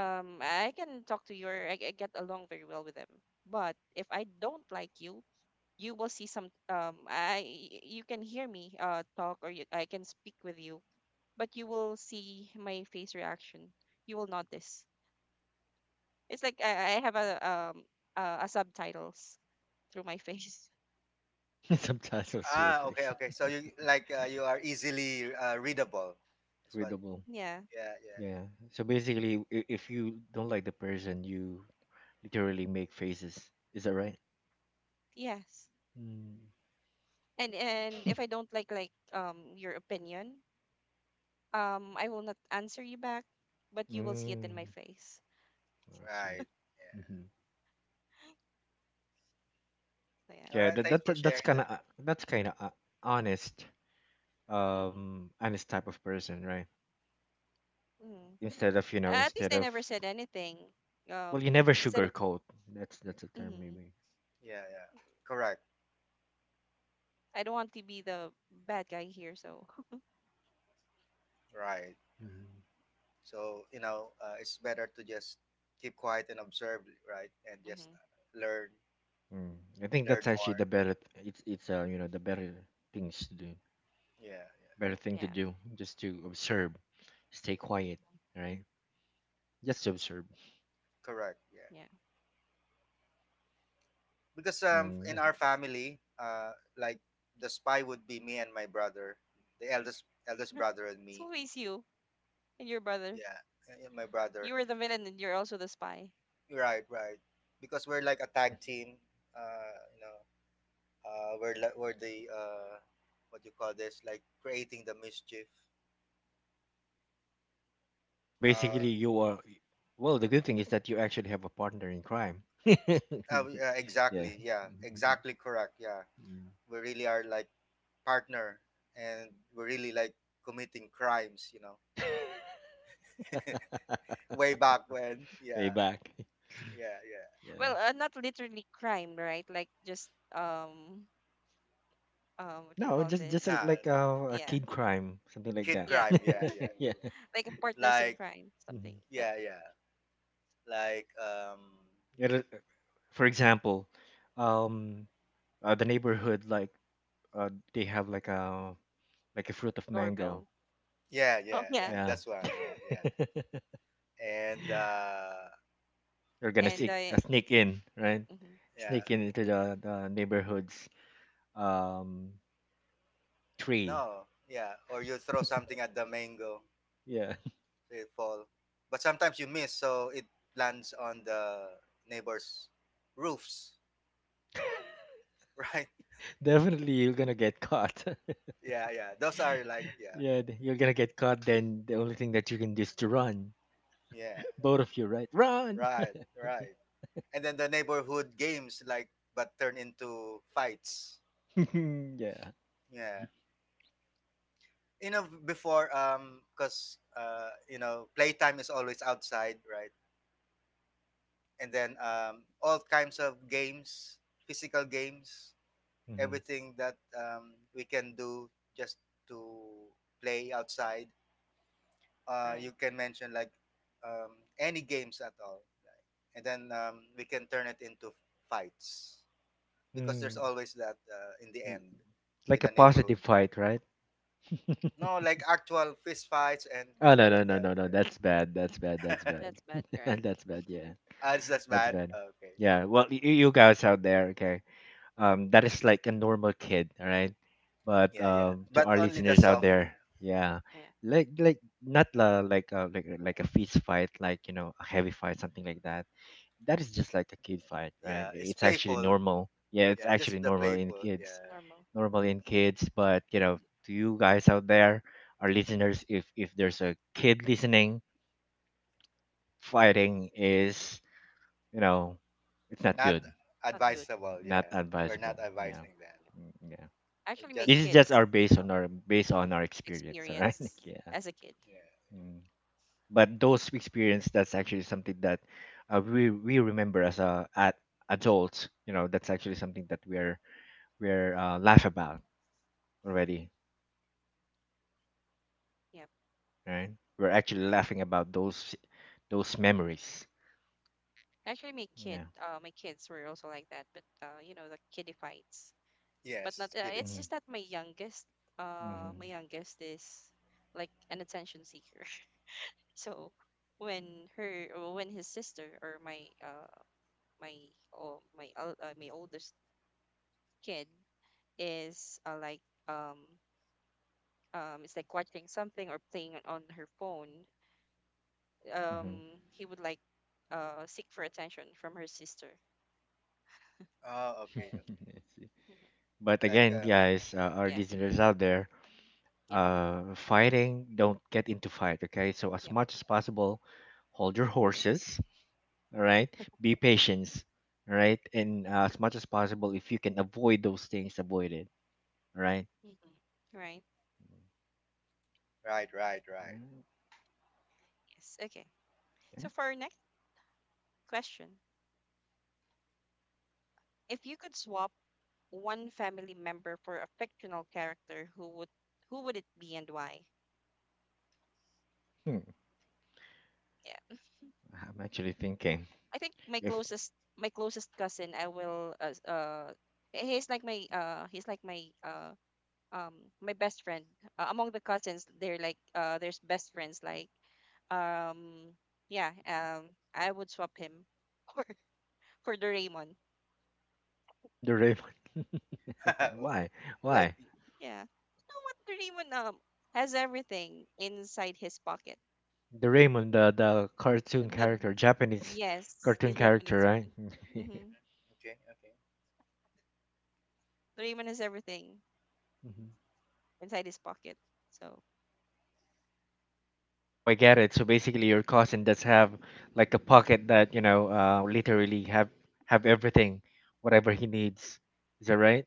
A: I can talk to you, or I get along very well with them. But if I don't like you will see some, I— you can hear me, talk, or I can speak with you, but you will see my face reaction. You will notice. It's like I have a, a subtitles through my face.
B: [laughs] subtitles to your
C: Ah. Okay.
B: face,
C: Okay. So you like you are easily readable.
B: [laughs]
C: That's what.
B: readable.
A: [laughs] Yeah.
C: Yeah. Yeah.
B: Yeah. So basically, if you don't like the person, you literally make faces. Is that right?
A: Yes,
B: Mm.
A: and if I don't like your opinion, I will not answer you back, but you will see it in my
B: Mm.
A: face.
B: I see.
C: Right.
B: Hmm.
C: Yeah.
A: So yeah.
C: All
B: Yeah,
C: right. Thanks for
B: that's
C: sharing
B: kind
C: that.
B: of that's kind of honest,
A: Mm-hmm.
B: honest type of person, right?
A: Mm-hmm.
B: Instead of you know,
A: At least
B: instead
A: I
B: of
A: never said anything. Um,
B: well, you never
A: Instead of—
B: sugarcoat. That's a term
A: mm-hmm.
B: maybe.
C: Yeah. Yeah. Correct.
A: I don't want to be the bad guy here, so
C: Right.
B: Mm.
C: It's better to just keep quiet and observe, right, and
A: [laughs]
C: just
A: mm-hmm.
C: learn,
B: Mm. I think
C: learn
B: that's actually
C: more.
B: the better. It's you know, the better things to do.
C: Yeah. Yeah.
B: Better thing to
A: Yeah,
B: do, just to observe, stay quiet,
A: mhm,
B: right? Just to observe.
C: Correct. Yeah.
A: yeah,
C: Because
B: Mm,
C: in
B: yeah.
A: I
C: our
A: guess.
C: family, like the spy would be me and my brother, the eldest
A: [laughs]
C: brother and
A: It's
C: me.
A: always you and your brother.
C: Yeah. And my brother.
A: You are the villain, and you're also the spy.
C: Right. Right. Because we're like a tag team. You know, where la- where the What you call this like creating the mischief.
B: So
C: Uh,
B: basically, you are. Well, the good thing is that you actually have a partner in crime. [laughs]
C: oh, yeah,
B: Yeah.
C: exactly. Yeah, exactly correct. Yeah,
B: Mm.
C: we really are like partner, and we're really like committing crimes. You know, [laughs]
B: [laughs]
C: way back when.
B: Way
C: Yeah,
B: back.
C: yeah, yeah.
B: Yeah.
A: Well, not literally crime, right? Like, just, um what do you
B: No,
A: call
B: just
A: this?
B: a,
C: Nah,
B: like
C: nah.
B: a
A: Yeah,
B: kid crime, something like
C: Kid
B: that.
A: yeah,
C: crime. Yeah, yeah.
B: [laughs] yeah.
A: like a partners in
C: Like
A: crime, something.
B: Mhm.
A: But
C: yeah, yeah. Like
B: It'll- for example, um, the neighborhood, like, they have like a fruit of mango.
A: doorbell. [laughs]
C: yeah,
A: Oh
C: yeah,
A: yeah,
C: yeah.
B: Yeah.
C: That's one. Yeah, yeah.
B: [laughs]
C: And uh,
B: They're gonna
C: you,
A: and
C: g-
B: sneak,
A: I—
B: in, right?
A: mhm,
C: yeah,
B: Sneak in into the neighborhood's um tree.
C: no, yeah, or you throw something at the mango,
B: Yeah.
C: so it fall. But sometimes you miss, so it lands on the neighbors' roofs, [laughs] right?
B: [laughs] Definitely you're gonna get caught. [laughs]
C: Yeah, yeah. Those are like yeah,
B: Yeah, you're gonna get caught, then the only thing that you can do is to run.
C: yeah,
B: Both of you, right? Run.
C: right, right. And then the neighborhood games like but turn into fights.
B: [laughs] Yeah.
C: Yeah, you know before cause you know playtime is always outside, right? And then all kinds of games, physical games
B: Mm-hmm.
C: everything that we can do just to play outside.
A: right.
C: You can mention like any games at all, like, and then we can turn it into fights because there's
B: Mm.
C: always that in the end with
B: Like a
C: the
B: positive
C: neighborhood.
B: fight, right? [laughs]
C: No, like actual fist fights and
B: Oh, no,
C: all of
B: no, no, no,
C: that.
B: no, that's bad, that's bad, that's
C: Yeah,
B: bad,
A: That's bad,
B: [laughs]
A: right?
B: that's bad, yeah,
C: [laughs] ah, it's just
B: that's
C: bad.
B: bad,
C: Okay,
B: yeah, well
A: Yeah,
B: you guys out there, okay, that is like a normal kid, all right, but
C: yeah, yeah,
B: to
C: but
B: our
C: only the
B: listeners out
C: soft.
B: there, yeah,
A: yeah,
B: like not la, like a, like a fist fight, like, you know, a heavy fight, something like that. That is just like a kid
A: it's,
B: fight, right?
C: Yeah, it's
B: It's actually
C: playful.
B: normal, yeah, it's
C: Yeah,
B: actually
C: just the
B: normal
A: yeah,
B: in
C: playful.
B: kids,
C: Yeah.
A: normal.
B: normally in kids. But, you know,
A: Mm,
B: to you guys out there, our listeners, if there's a kid listening, fighting is, you know, it's not
C: Not
B: good.
A: not
B: Mm,
A: good.
C: advisable.
B: not
C: Yeah, we're not
B: advisable. Yeah.
C: advising that.
A: Yeah.
B: Mm, yeah.
A: Actually, make
C: Just
B: This is just
A: kids
B: our
A: as
B: based on
A: well. Hmm.
B: our experience. All right. [laughs]
A: Experience
B: Yeah.
A: as a kid.
C: yeah,
B: Mm. But those experience, that's actually something that we remember as a at adults. You know, that's actually something that we're laugh about already.
A: Yeah,
B: Right. We're actually laughing about those memories.
A: actually, my kid,
B: Yeah.
A: my kids were also like that, but, the kiddie fights. But not.
C: yes,
A: It's
C: skidify.
B: Mm-hmm.
A: just that my
B: Mm-hmm.
A: youngest is like an attention seeker. [laughs] So when her, or when his sister, or my, my, oh, my, my oldest kid is, like, um it's like watching something or playing on her phone, um
B: Mm-hmm.
A: he would, like, seek for attention from her sister.
C: Oh, okay, okay.
B: [laughs] I see.
A: Mhm.
B: But
C: Like
B: again, guys, our
A: Yeah.
B: listeners out there,
A: Yep.
B: fighting, don't get into fight, okay? So as
A: Yep.
B: much as possible, hold your horses, all right? Be patient, all right? And as much as possible, if you can avoid those things, avoid it, all right?
A: Hmm. Right.
C: right, right, right.
B: Mm.
A: Yes. Okay,
B: Okay.
A: so for our next question, if you could swap one family member for a fictional character, who would it be, and why?
B: Hmm.
A: Yeah,
B: I'm actually thinking
A: I think my
B: if
A: closest my closest cousin, I will, he's like my, um my best friend, among the cousins. They're, like, there's best friends, like, um yeah um I would swap him [laughs] for Doraemon.
B: [laughs] the Raymond.
C: [laughs]
B: [laughs] Why?
C: like,
B: Why?
C: mhm,
A: Yeah, you know what, Doraemon has everything inside his pocket.
B: The Raymond, the cartoon
A: The—
B: character, Japanese
A: yes, the
B: cartoon character,
A: Japanese
B: right?
A: one.
B: [laughs]
A: Mm-hmm.
C: okay, okay.
A: Doraemon has everything
B: Hmm.
A: inside his pocket, so
B: Oh, I get it. So basically, your cousin does have like a pocket that, you know, literally have everything, whatever he needs. Is that right?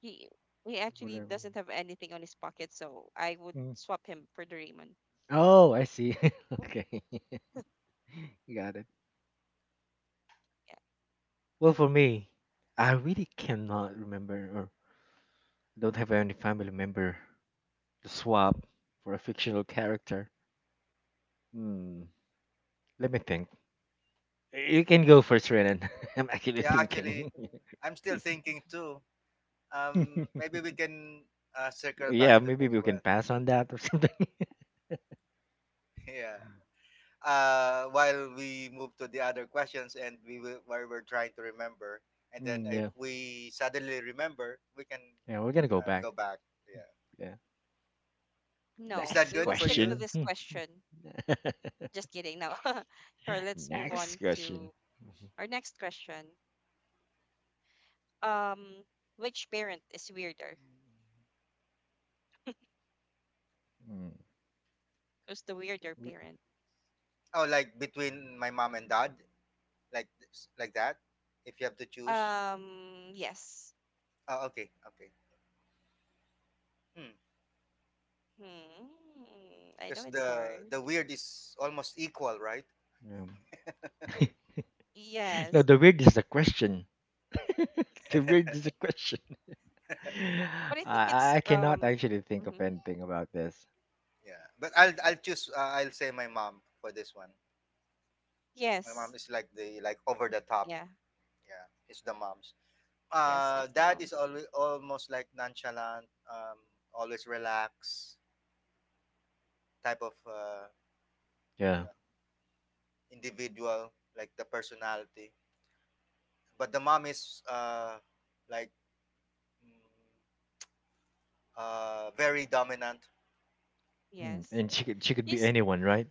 A: he he actually
B: Whatever.
A: doesn't have anything on his pocket, so I would
B: Mm.
A: swap him for Doraemon.
B: Oh, I see. [laughs] Okay. [laughs] Got it.
A: Yeah.
B: Well, for me, I really cannot remember or don't have any family member to swap for a fictional character. Hmm. Let me think. You can go first, Renan. [laughs] I'm actually
C: Yeah, actually,
B: thinking.
C: I'm still thinking too. Maybe
B: [laughs]
C: we can circle
B: Yeah,
C: back to
B: maybe
C: this
B: we can
C: one.
B: pass on that or something. [laughs]
C: [laughs] yeah. While we move to the other questions, and we will, while we're trying to remember, and then
B: Mm,
C: if
B: yeah,
C: we suddenly remember, we can
B: yeah, we're gonna go back.
C: go back. Yeah.
B: Yeah.
C: Is
A: No,
C: that
B: Next
A: we
C: good
A: will
C: for
A: stick to
C: you?
B: question.
A: this
B: Hmm.
A: question. Just
B: [laughs]
A: kidding. No. [laughs] Sure, let's move
B: Next
A: on
B: question.
A: to our next question. Um, which parent is weirder?
B: Mm,
A: Who's the weirder
B: we-
A: parent?
C: Oh, like between my mom and dad, like this- like that. If you have to choose.
A: Yes.
C: Oh, okay, okay.
A: Hmm. I know
C: Because
A: it's
C: the
A: hard.
C: the weird is almost equal, right?
B: um, [laughs] no,
A: Yes.
B: the weird is the question. [laughs] The
C: [laughs]
B: weird is the question. [laughs]
A: But I think it's
B: I cannot actually think of
A: mhm,
B: anything about this.
C: yeah, but I'll
A: mhm.
C: I'll choose. I'll say my mom for this one. My mom
A: Yes.
C: is like the like over the top.
A: Yeah.
C: Yeah, it's the moms.
A: Yes, it's the
C: Dad
A: mom.
C: is always almost like nonchalant, always relaxed type of you
B: Yeah.
C: know individual, like the personality. But the mom is like uh, very dominant.
B: Mm,
A: Yes.
B: and she could be
A: She's—
B: anyone, right?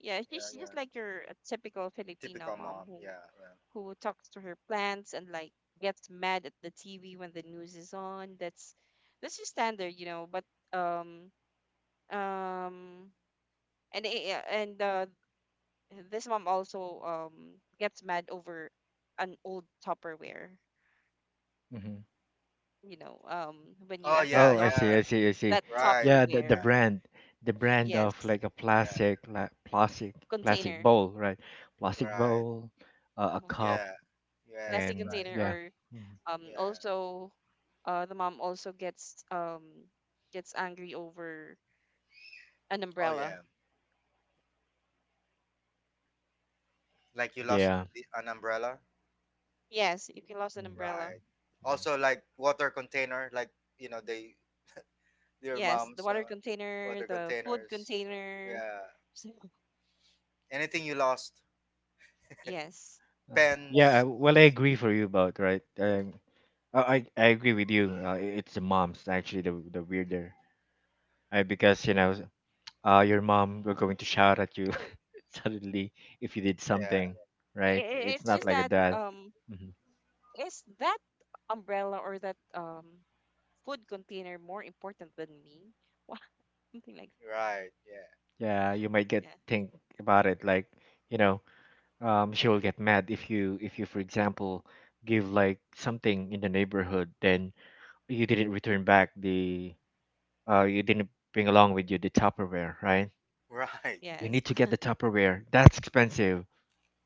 A: yeah,
C: Yeah,
A: she's
C: yeah.
A: just like your typical Filipino
C: Typical
A: mom
C: mom.
A: who
C: Yeah, yeah.
A: talks to her plants, and, like, gets mad at the TV when the news is on. That's just standard. But, um um and I- and this mom also gets mad over an old Tupperware. When you
C: Oh,
A: actually
C: yeah,
B: Oh, I
A: lost
C: yeah.
B: see,
A: that
B: I see, I see.
A: that
C: Right.
B: Yeah,
A: Tupperware,
B: the brand of
A: yes,
B: like a
C: Yeah.
B: plastic, like plastic, plastic
A: container,
B: bowl, right? Plastic
C: Right.
B: bowl, a
A: uh
B: cup,
C: Yeah. Yeah.
A: plastic
B: and
C: Right.
A: container,
B: yeah.
A: or
B: Mm,
C: Yeah.
A: also the mom also gets, gets angry over an
C: Oh,
A: umbrella.
C: yeah. Like you lost
B: yeah.
C: the, an umbrella.
A: Yes, if you lost an
B: Mm,
A: umbrella.
C: Right.
B: yeah.
C: Also, like water container. Like you know, they their
A: Yes, the
C: mom's
A: water container,
C: water
A: the food
C: containers.
A: container.
C: Yeah.
A: [laughs] So,
C: Anything you lost.
A: yes.
B: Uh, yeah.
C: Pens.
B: Well, I agree for you about right. I agree with you. It's the moms actually the weirder, because, you know, your mom were going to shout at you [laughs] suddenly if you did
C: Yeah.
B: something, right? It's
A: It's
B: not
A: just
B: like a
A: that,
B: dad.
A: is that umbrella or that, food container more important than me? Wha- [laughs] Something like—
C: Right. Yeah.
B: Yeah, you might get
A: yeah.
B: think about it like, you know, she will get mad if you, for example, give like something in the neighborhood, then you didn't return back the you didn't bring along with you the Tupperware, right?
C: [laughs] Right.
B: You
A: Yes.
B: need to get the Tupperware. That's expensive.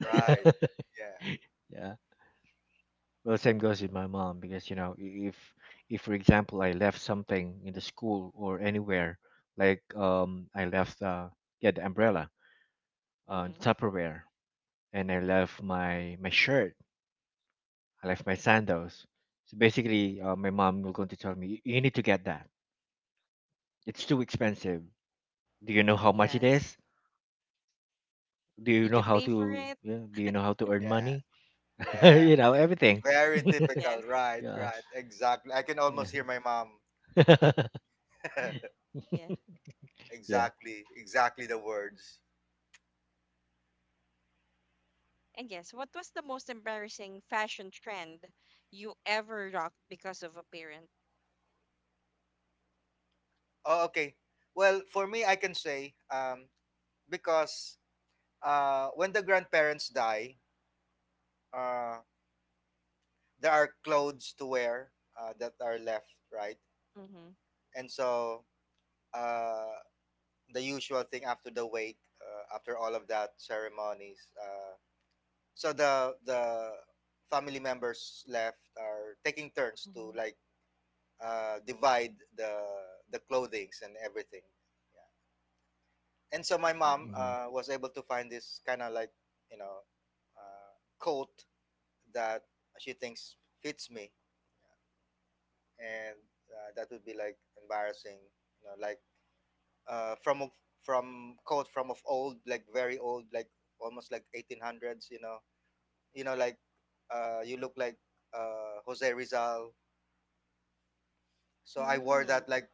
B: [laughs]
C: Right. Yeah.
B: Yeah. Well, same goes with my mom, because, you know, if for example I left something in the school or anywhere, like I left yeah, the umbrella,
A: [laughs]
B: the
A: Mm-hmm.
B: Tupperware, and I left my shirt. I left my sandals. So basically,
A: Mm-hmm.
B: my mom was going to tell me, "You need to get that. It's too expensive. Do you know how much it
A: Yes,
B: is? Do you
A: did
B: know
A: you
B: how
A: pay for
B: to?"
A: it?
B: Yeah, do you know how to earn
C: Yeah.
B: money? [laughs]
C: Yeah.
B: You know everything.
C: Very
B: [laughs]
C: typical.
A: Yes.
C: Right,
B: Yeah,
C: right. Exactly. I can
B: yeah,
C: almost hear my mom.
B: [laughs]
C: [laughs]
A: Yes.
B: yeah.
C: exactly, exactly the words.
A: And yes, what was the most embarrassing fashion trend you ever rocked because of appearance?
C: Oh, okay. Well, for me, I can say because when the grandparents die, uh, there are clothes to wear that are left, right?
A: Mm-hmm.
C: And so uh, the usual thing after the wake, after all of that ceremonies, so the family members left are taking turns to
A: Mm-hmm.
C: like divide the clothings and everything. Yeah. And so my mom
B: Mm.
A: Mm-hmm.
C: was able to find this kind of like you know uh, coat that she thinks fits me, yeah. And that would be like embarrassing, you know, like uh, from of- from coat from of old, like very old, like almost like 1800s, you know, like you look like Jose Rizal. So I wore
A: Mm-hmm.
C: that like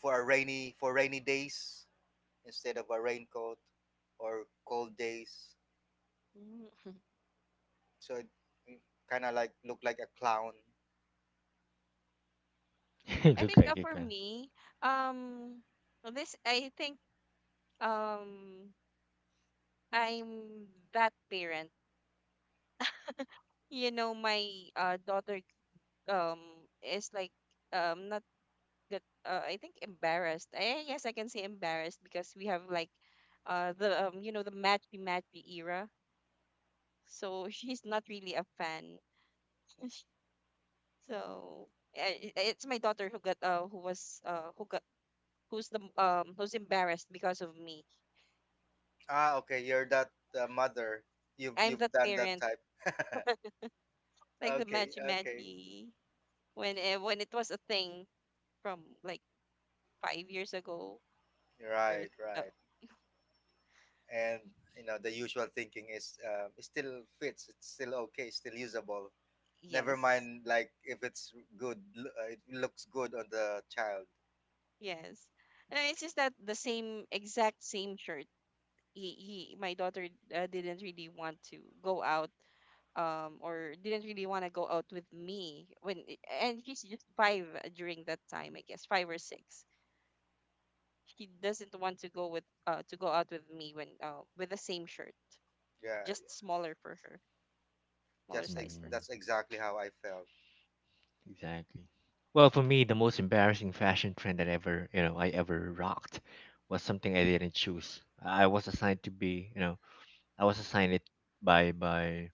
C: for a rainy for rainy days instead of a raincoat or cold days. So it kind of like look like a clown.
B: [laughs]
A: [laughs]
B: It
A: I
B: looks
A: think,
B: like it
A: for
B: can.
A: me, um, well, this I think, um I'm that parent. You know, my, daughter, um is like, not good. I think embarrassed. I guess I can say embarrassed because we have, like, the, the matchy matchy era, so she's not really a fan. So, it's my daughter who got, who's embarrassed because of me.
C: Ah, okay, you're that mother. You've
A: I'm
C: you've
A: that
C: done that
A: parent,
C: type. [laughs]
A: like the
C: okay,
A: Magi
C: okay,
A: Magi, when it was a thing from like 5 years ago, or,
C: right,
A: uh,
C: right. And you know the usual thinking is it still fits. It's still okay. Still usable. Never
A: yes,
C: mind, like if it's good, it looks good on the child.
A: yes. It's just that the same exact same shirt. He my daughter, didn't really want to go out, or didn't really want to go out with me when— and she's just five during that time, I guess, five or six. She doesn't want to go with to go out with me when with the same shirt,
C: Yeah,
A: just smaller for her, smaller
C: just
A: size
C: ex-
A: for her.
B: Mm,
C: that's exactly how I felt.
B: exactly. Well, for me, the most embarrassing fashion trend that ever I ever rocked was something I didn't choose. I was assigned to be. I was assigned it by by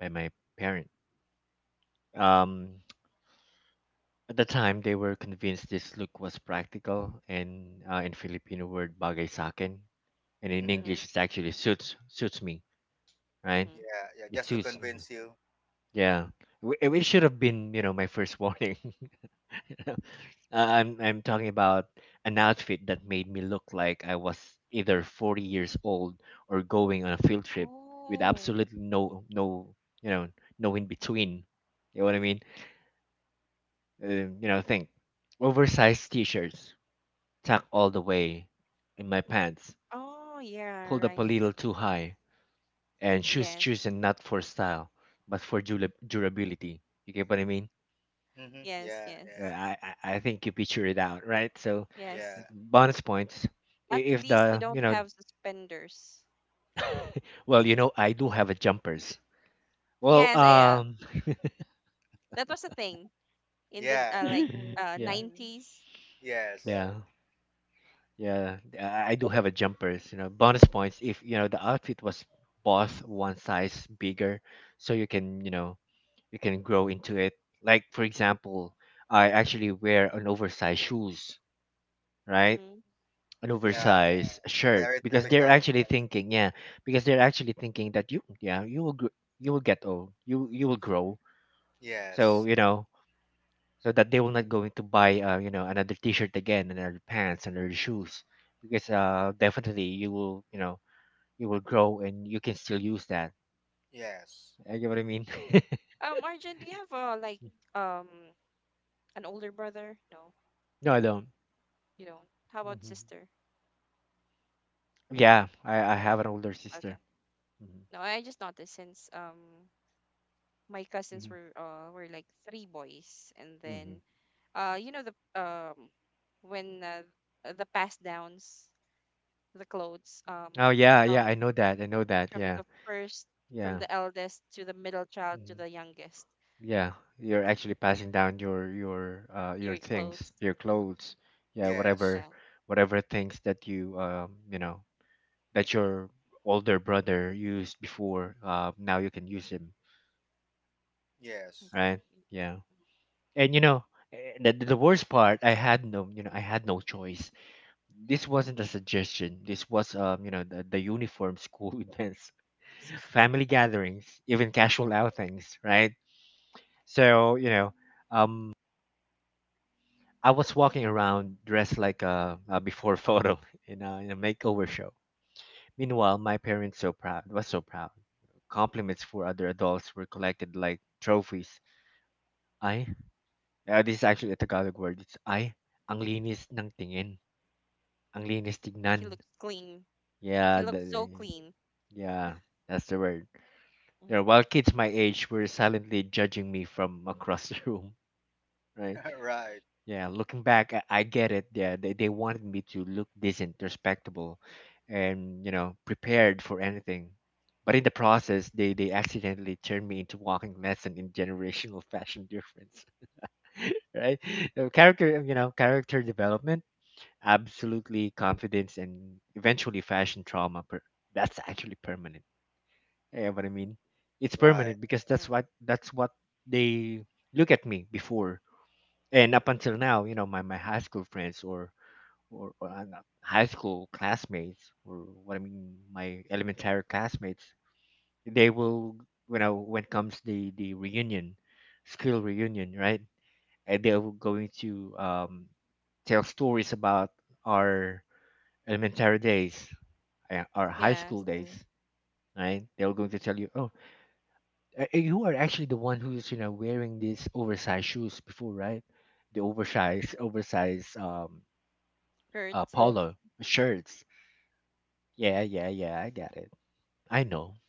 B: by my parent. Um, at the time, they were convinced this look was practical, and in Filipino word bagay sa akin, and in
C: Hmm.
A: Mm-hmm.
B: English it actually suits me, right?
A: Mm-hmm.
C: Yeah, yeah,
B: It
C: just to
B: suits.
C: convince you.
B: Yeah, it should have been my first [laughs] warning. [laughs] I'm talking about an outfit that made me look like I was either 40 years old or going on a field trip with
A: Oh.
B: absolutely you know no in between. You know what I mean? Think oversized t-shirts tucked all the way in my pants,
A: Oh yeah.
B: pulled up a
A: Right.
B: little too high, and shoes
A: Yes.
B: chosen not for style but for durability. You get what I mean?
C: Hmm.
A: Yes.
C: Yeah,
B: Yeah,
A: Yes.
C: yeah.
B: I think you picture it out, right? So
C: Yeah.
A: Yes,
B: bonus points
A: at
B: if
A: least you
B: the you
A: don't
B: know
A: have suspenders.
B: well I do have a jumpers. Well,
A: Yes,
B: [laughs]
A: that was a thing in the,
C: Yeah.
A: like,
B: [laughs] yeah,
A: 90s.
C: Yes.
B: yeah, yeah. I do have a jumpers. You know, bonus points if the outfit was bought one size bigger, so you can you can grow into it. Like for example, I actually wear an oversized shoes, right?
A: Mm-hmm.
B: An
C: Yeah.
B: oversized shirt
C: Very
B: because they're
C: typical.
B: actually thinking, yeah, because they're actually thinking that you, yeah, you will, you will get old, you will grow. So
C: Yes.
B: you know, so that they will not going to buy, another T-shirt again, another pants, another shoes, because definitely you will, you know, you will grow and you can still use that.
C: Yes.
B: You get what I mean?
A: Arjun, do you have, like,
B: [laughs]
A: um an older brother? No,
B: No, I don't.
A: you don't. How about
B: Mhm.
A: sister?
B: Yeah, I have an older
A: Okay.
B: sister. Mhm.
A: No, I just noticed, since my cousins
B: Mhm.
A: were like three boys, and then
B: Mhm.
A: you know the when, the pass downs, the clothes,
B: Oh yeah,
A: from
B: yeah, I know that. I know that. Yeah,
A: the first, from
B: yeah.
A: the eldest to the middle child to
B: Mm-hmm.
A: the youngest,
B: Yeah, you're actually passing down your
A: your
B: things,
A: clothes,
B: your
A: uh
B: clothes, yeah,
C: Yes.
A: yeah,
B: whatever things that you you know that your older brother used before, now you can use them,
A: I
C: Yes.
A: see.
B: right?
A: Mhm.
B: Yeah. And you know, the worst part, I had no, you know, I had no choice. This wasn't a suggestion. This was the uniform school [laughs] events, family gatherings, even casual outings, right? So, um I was walking around dressed like a before photo [laughs] in in a makeover show. Meanwhile, my parents so proud was so proud. Compliments for other adults were collected like trophies. Ay, this is actually a Tagalog word. It's ay, ang linis ng tingin, ang linis
A: [laughs] He
B: tignan.
A: looks clean.
B: Yeah,
A: He looks so
B: the,
A: clean.
B: yeah, that's the word. Yeah,
A: Uh-huh.
B: while kids my age were silently judging me from across [laughs] the room, right?
C: [laughs] right.
B: Yeah, looking back, I get it. Yeah, they wanted me to look decent, respectable, and you know, prepared for anything. But in the process, they accidentally turned me into walking lesson in generational fashion difference, [laughs] right? So character, character development, absolutely confidence, and eventually fashion trauma. That's actually permanent. Yeah, what I mean, it's
C: Right.
B: permanent because
A: Right.
B: that's what they look at me before, and up until now you know my high school friends or not high school classmates, or what I mean my elementary classmates, they will you know when comes the reunion, school reunion, right? And they're going to tell stories about our elementary days, our high school
A: Yes.
B: days, right? They're going to tell you, oh, you are actually the one who's you know wearing these oversized shoes before, right? The oversized
A: Hurt.
B: Polo shirts. Yeah, yeah, yeah. I got it. I know.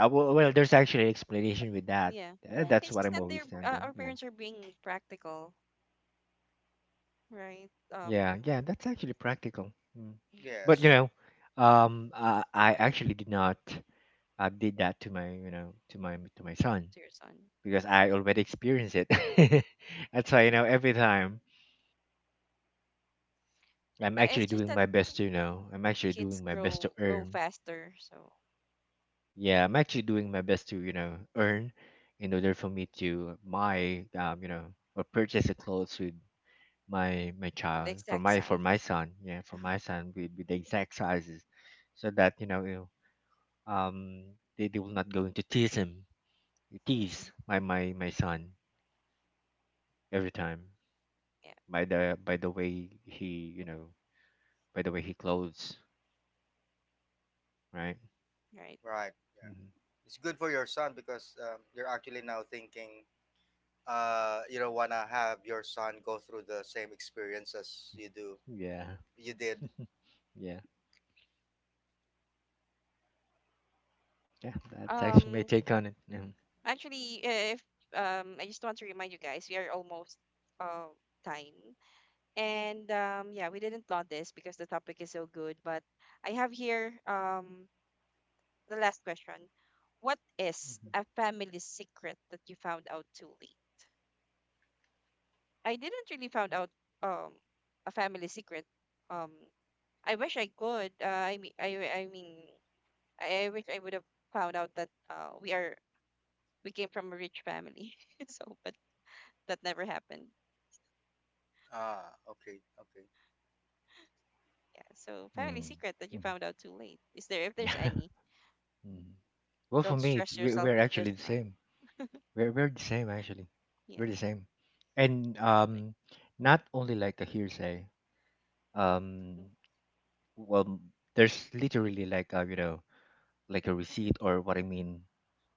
B: Well, there's actually explanation with that.
A: Yeah.
B: That's
A: It's
B: what
A: just
B: I'm
A: that their,
B: always telling them.
A: our
B: Yeah,
A: parents are being practical, right?
B: yeah, yeah. That's actually practical. Mm. But you
C: Yes.
B: know, I actually did not did that to my you know to my son
A: To your son.
B: because I already experienced it. [laughs] That's why you know every time I'm
A: It's
B: actually
A: just
B: doing
A: that
B: my best to you know I'm actually
A: kids
B: doing my best to
A: grow
B: earn.
A: faster, so
B: Yeah, I'm actually doing my best to, you know, earn in order for me to buy, or purchase the clothes with my
A: with the
B: child
A: exact
B: for
A: size.
B: my son. Yeah, for my son with the exact sizes, so that you know, you um, they will not going to tease him,
A: Mhm.
B: tease my son every time
A: Yeah.
B: by the way he you know by the way he clothes, right?
A: Right.
C: Right.
B: hmm
C: It's good for your son because you're actually now thinking you don't want to have your son go through the same experience as you do.
B: Yeah,
C: You did.
B: yeah, yeah. That's actually my
A: Um.
B: take on it. Yeah.
A: Actually, if, I just want to remind you guys, we are almost, uh time, and, yeah, we didn't plot this because the topic is so good, but I have here, the last question. What is
B: Mhm.
A: a family secret that you found out too late? I didn't really found out um a family secret. Um, I wish I could. I mean, I mean, I wish I would have found out that we came from a rich family. [laughs] So, but that never happened.
C: Ah, okay. Okay.
A: Yeah. So, family
B: Mm.
A: secret that you found out too late. Is there, if there's
B: Mhm.
A: any?
B: [laughs] Mm. Well, for
A: Don't
B: me, it's
A: stress yourself
B: we're
A: if there's
B: actually the
A: none.
B: same. We're the same actually.
A: Yeah.
B: We're the same, and
A: Like.
B: not only like a hearsay. Um, well, there's literally like a you know like a receipt or what I mean,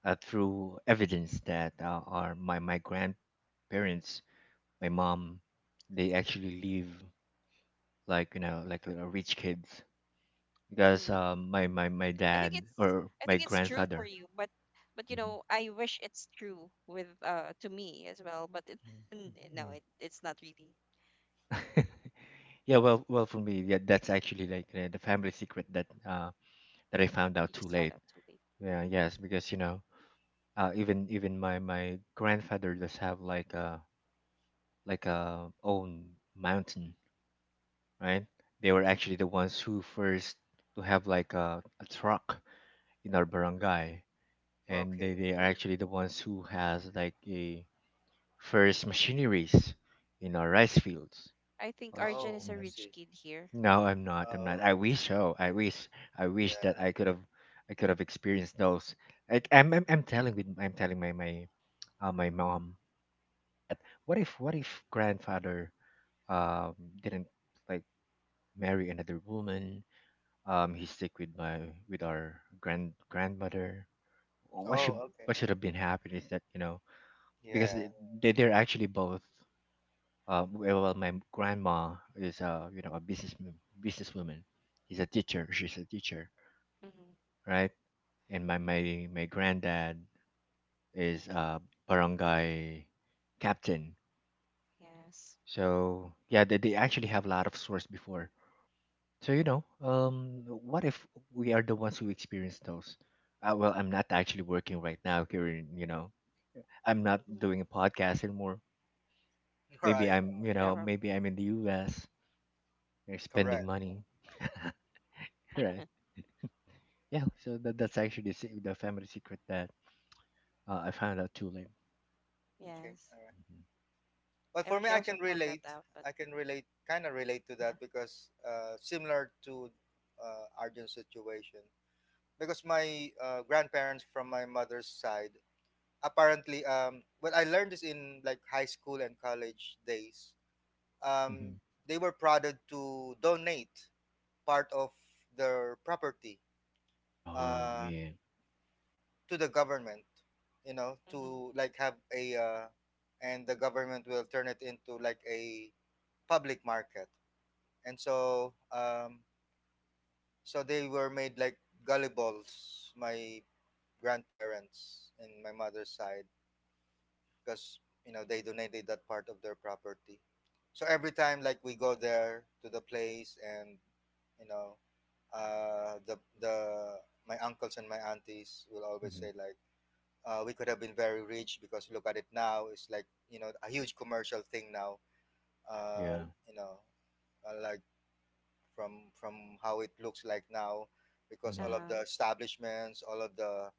B: through evidence that are my grandparents, my mom, they actually live like you know like rich kids because
A: Mm.
B: my
A: I think
B: dad
A: it's
B: or
A: I
B: my
A: think it's true for
B: grandfather.
A: you, but you
B: Mhm.
A: know, I wish it's true with to me as well, but
B: Mm,
A: no,
B: mm,
A: it's not really.
B: mm. [laughs] Yeah, well, for me, yeah, that's actually like the family secret that that I found out
A: You
B: too
A: just found
B: late.
A: out too late.
B: Yeah,
A: Mm.
B: yes, because you know, even my my grandfather does have like a own mountain, right? They were
C: Mm,
B: actually the ones who first to have like a truck in our barangay, and
C: okay.
B: they are
A: Mhm.
B: actually the ones who has like a first machineries in our rice fields.
A: I think
B: Also,
A: Arjun
C: Oh,
A: is a
C: I
A: rich
C: see.
A: kid here.
B: no, I'm not. I'm not.
C: Oh,
B: I wish so. I wish. I wish
C: yeah.
B: that I could have. I could have experienced those. Like I'm. I'm telling with. I'm telling my my mom that what if grandfather um didn't like marry another woman. He stick with my with our grandmother.
C: Oh,
A: Mm-hmm.
C: okay.
B: What should have been happened is that you know because
C: Yeah.
B: they they're actually both. Well, well, my grandma is you know a businesswoman. He's a teacher. She's a teacher,
A: Mm-hmm.
B: right? And my granddad is a barangay captain.
A: Yes.
B: So yeah, they actually have a lot of stores before. So you know, what if we are the ones who experience those? Well, I'm not actually working right now here. You know, I'm not doing a
A: Mm-hmm.
B: podcast anymore.
C: [laughs]
B: Maybe
C: Right.
B: I'm, you
A: Yeah,
B: know, maybe I'm in the U.S. You're spending
C: Correct.
B: money, [laughs] right?
A: [laughs]
B: Yeah. So that that's actually the family secret that I found out too late.
C: Okay.
A: yes.
C: All but
A: I
C: for
A: wish
C: me,
A: I
C: I
A: also
C: can
A: found that
C: relate.
A: out, but
C: I can relate, kind of relate to
A: uh-huh. [laughs]
C: that because similar to Arjun's situation. Because my grandparents from my mother's side, apparently, when I learned this in like high school and college days,
B: Hmm hmm
C: um, they were prodded to donate part of their property
B: Oh
C: uh,
B: yeah.
C: to the government. You know, to
A: Mm-hmm.
C: like have a, and the government will turn it into like a public market and so so they were made like gullibles. My grandparents and my mother's side, because you know they donated that part of their property. So every time like we go there to the place and you know the my uncles and my aunties will always
B: Mm-hmm.
C: say like we could have been very rich because look at it now it's like you know a huge commercial thing now uh,
B: Yeah.
C: you know like from how it looks like now, because all
B: hmm
C: of
A: Uh-huh.
C: the establishments, all of the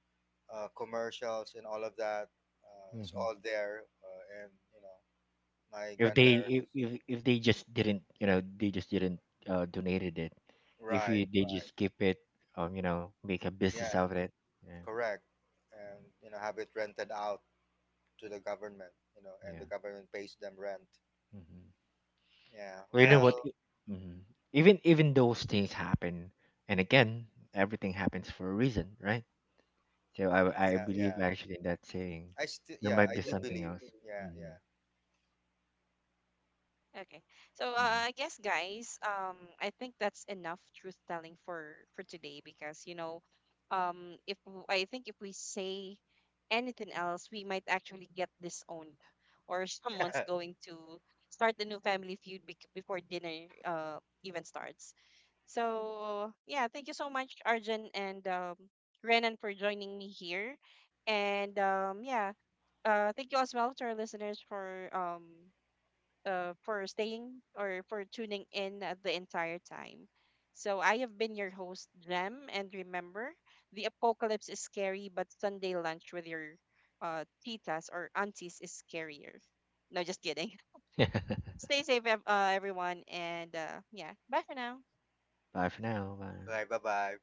C: commercials, and all of that is
B: hmm
C: all there. And you know, my
B: If they
C: grandparents,
B: if, if if they just didn't, you know, they just didn't donated it. If
C: right,
B: you they
C: right,
B: just keep it, you know, make a business
C: yeah,
B: out of it. Yeah.
C: correct, and you know, have it rented out to the government. You know, and the
B: Yeah.
C: government pays them rent.
B: hmm
C: Yeah.
B: Well, you know what?
A: Okay.
C: Well.
B: Mm-hmm. Even even those things happen, and again, everything happens for a reason, right? So
A: Yes.
B: I
C: Yeah.
B: believe
C: Yeah.
B: actually in that saying.
C: I still.
B: There
C: Yeah.
B: might
C: I
B: be
C: do
B: something
C: believe.
B: else.
C: Yeah. Yeah.
B: Mm-hmm.
A: Okay. So, I guess, guys, I think that's enough truth telling for today, because, you know, if w- I think if we say anything else, we might actually get disowned, or [laughs] someone's going to start the new family feud, before dinner even starts. So, yeah, thank you so much, Arjun, and, Renan, for joining me here. And, yeah, thank you as well to our listeners for, for staying, or for tuning in, the entire time. So I have been your host, Jem, and remember, the apocalypse is scary, but Sunday lunch with your, titas or aunties is scarier. No, just kidding. [laughs]
B: [laughs]
A: Stay safe, everyone, and, yeah, bye for now.
B: Bye for now.
C: [laughs]
B: Bye.
C: Bye. Bye. Bye.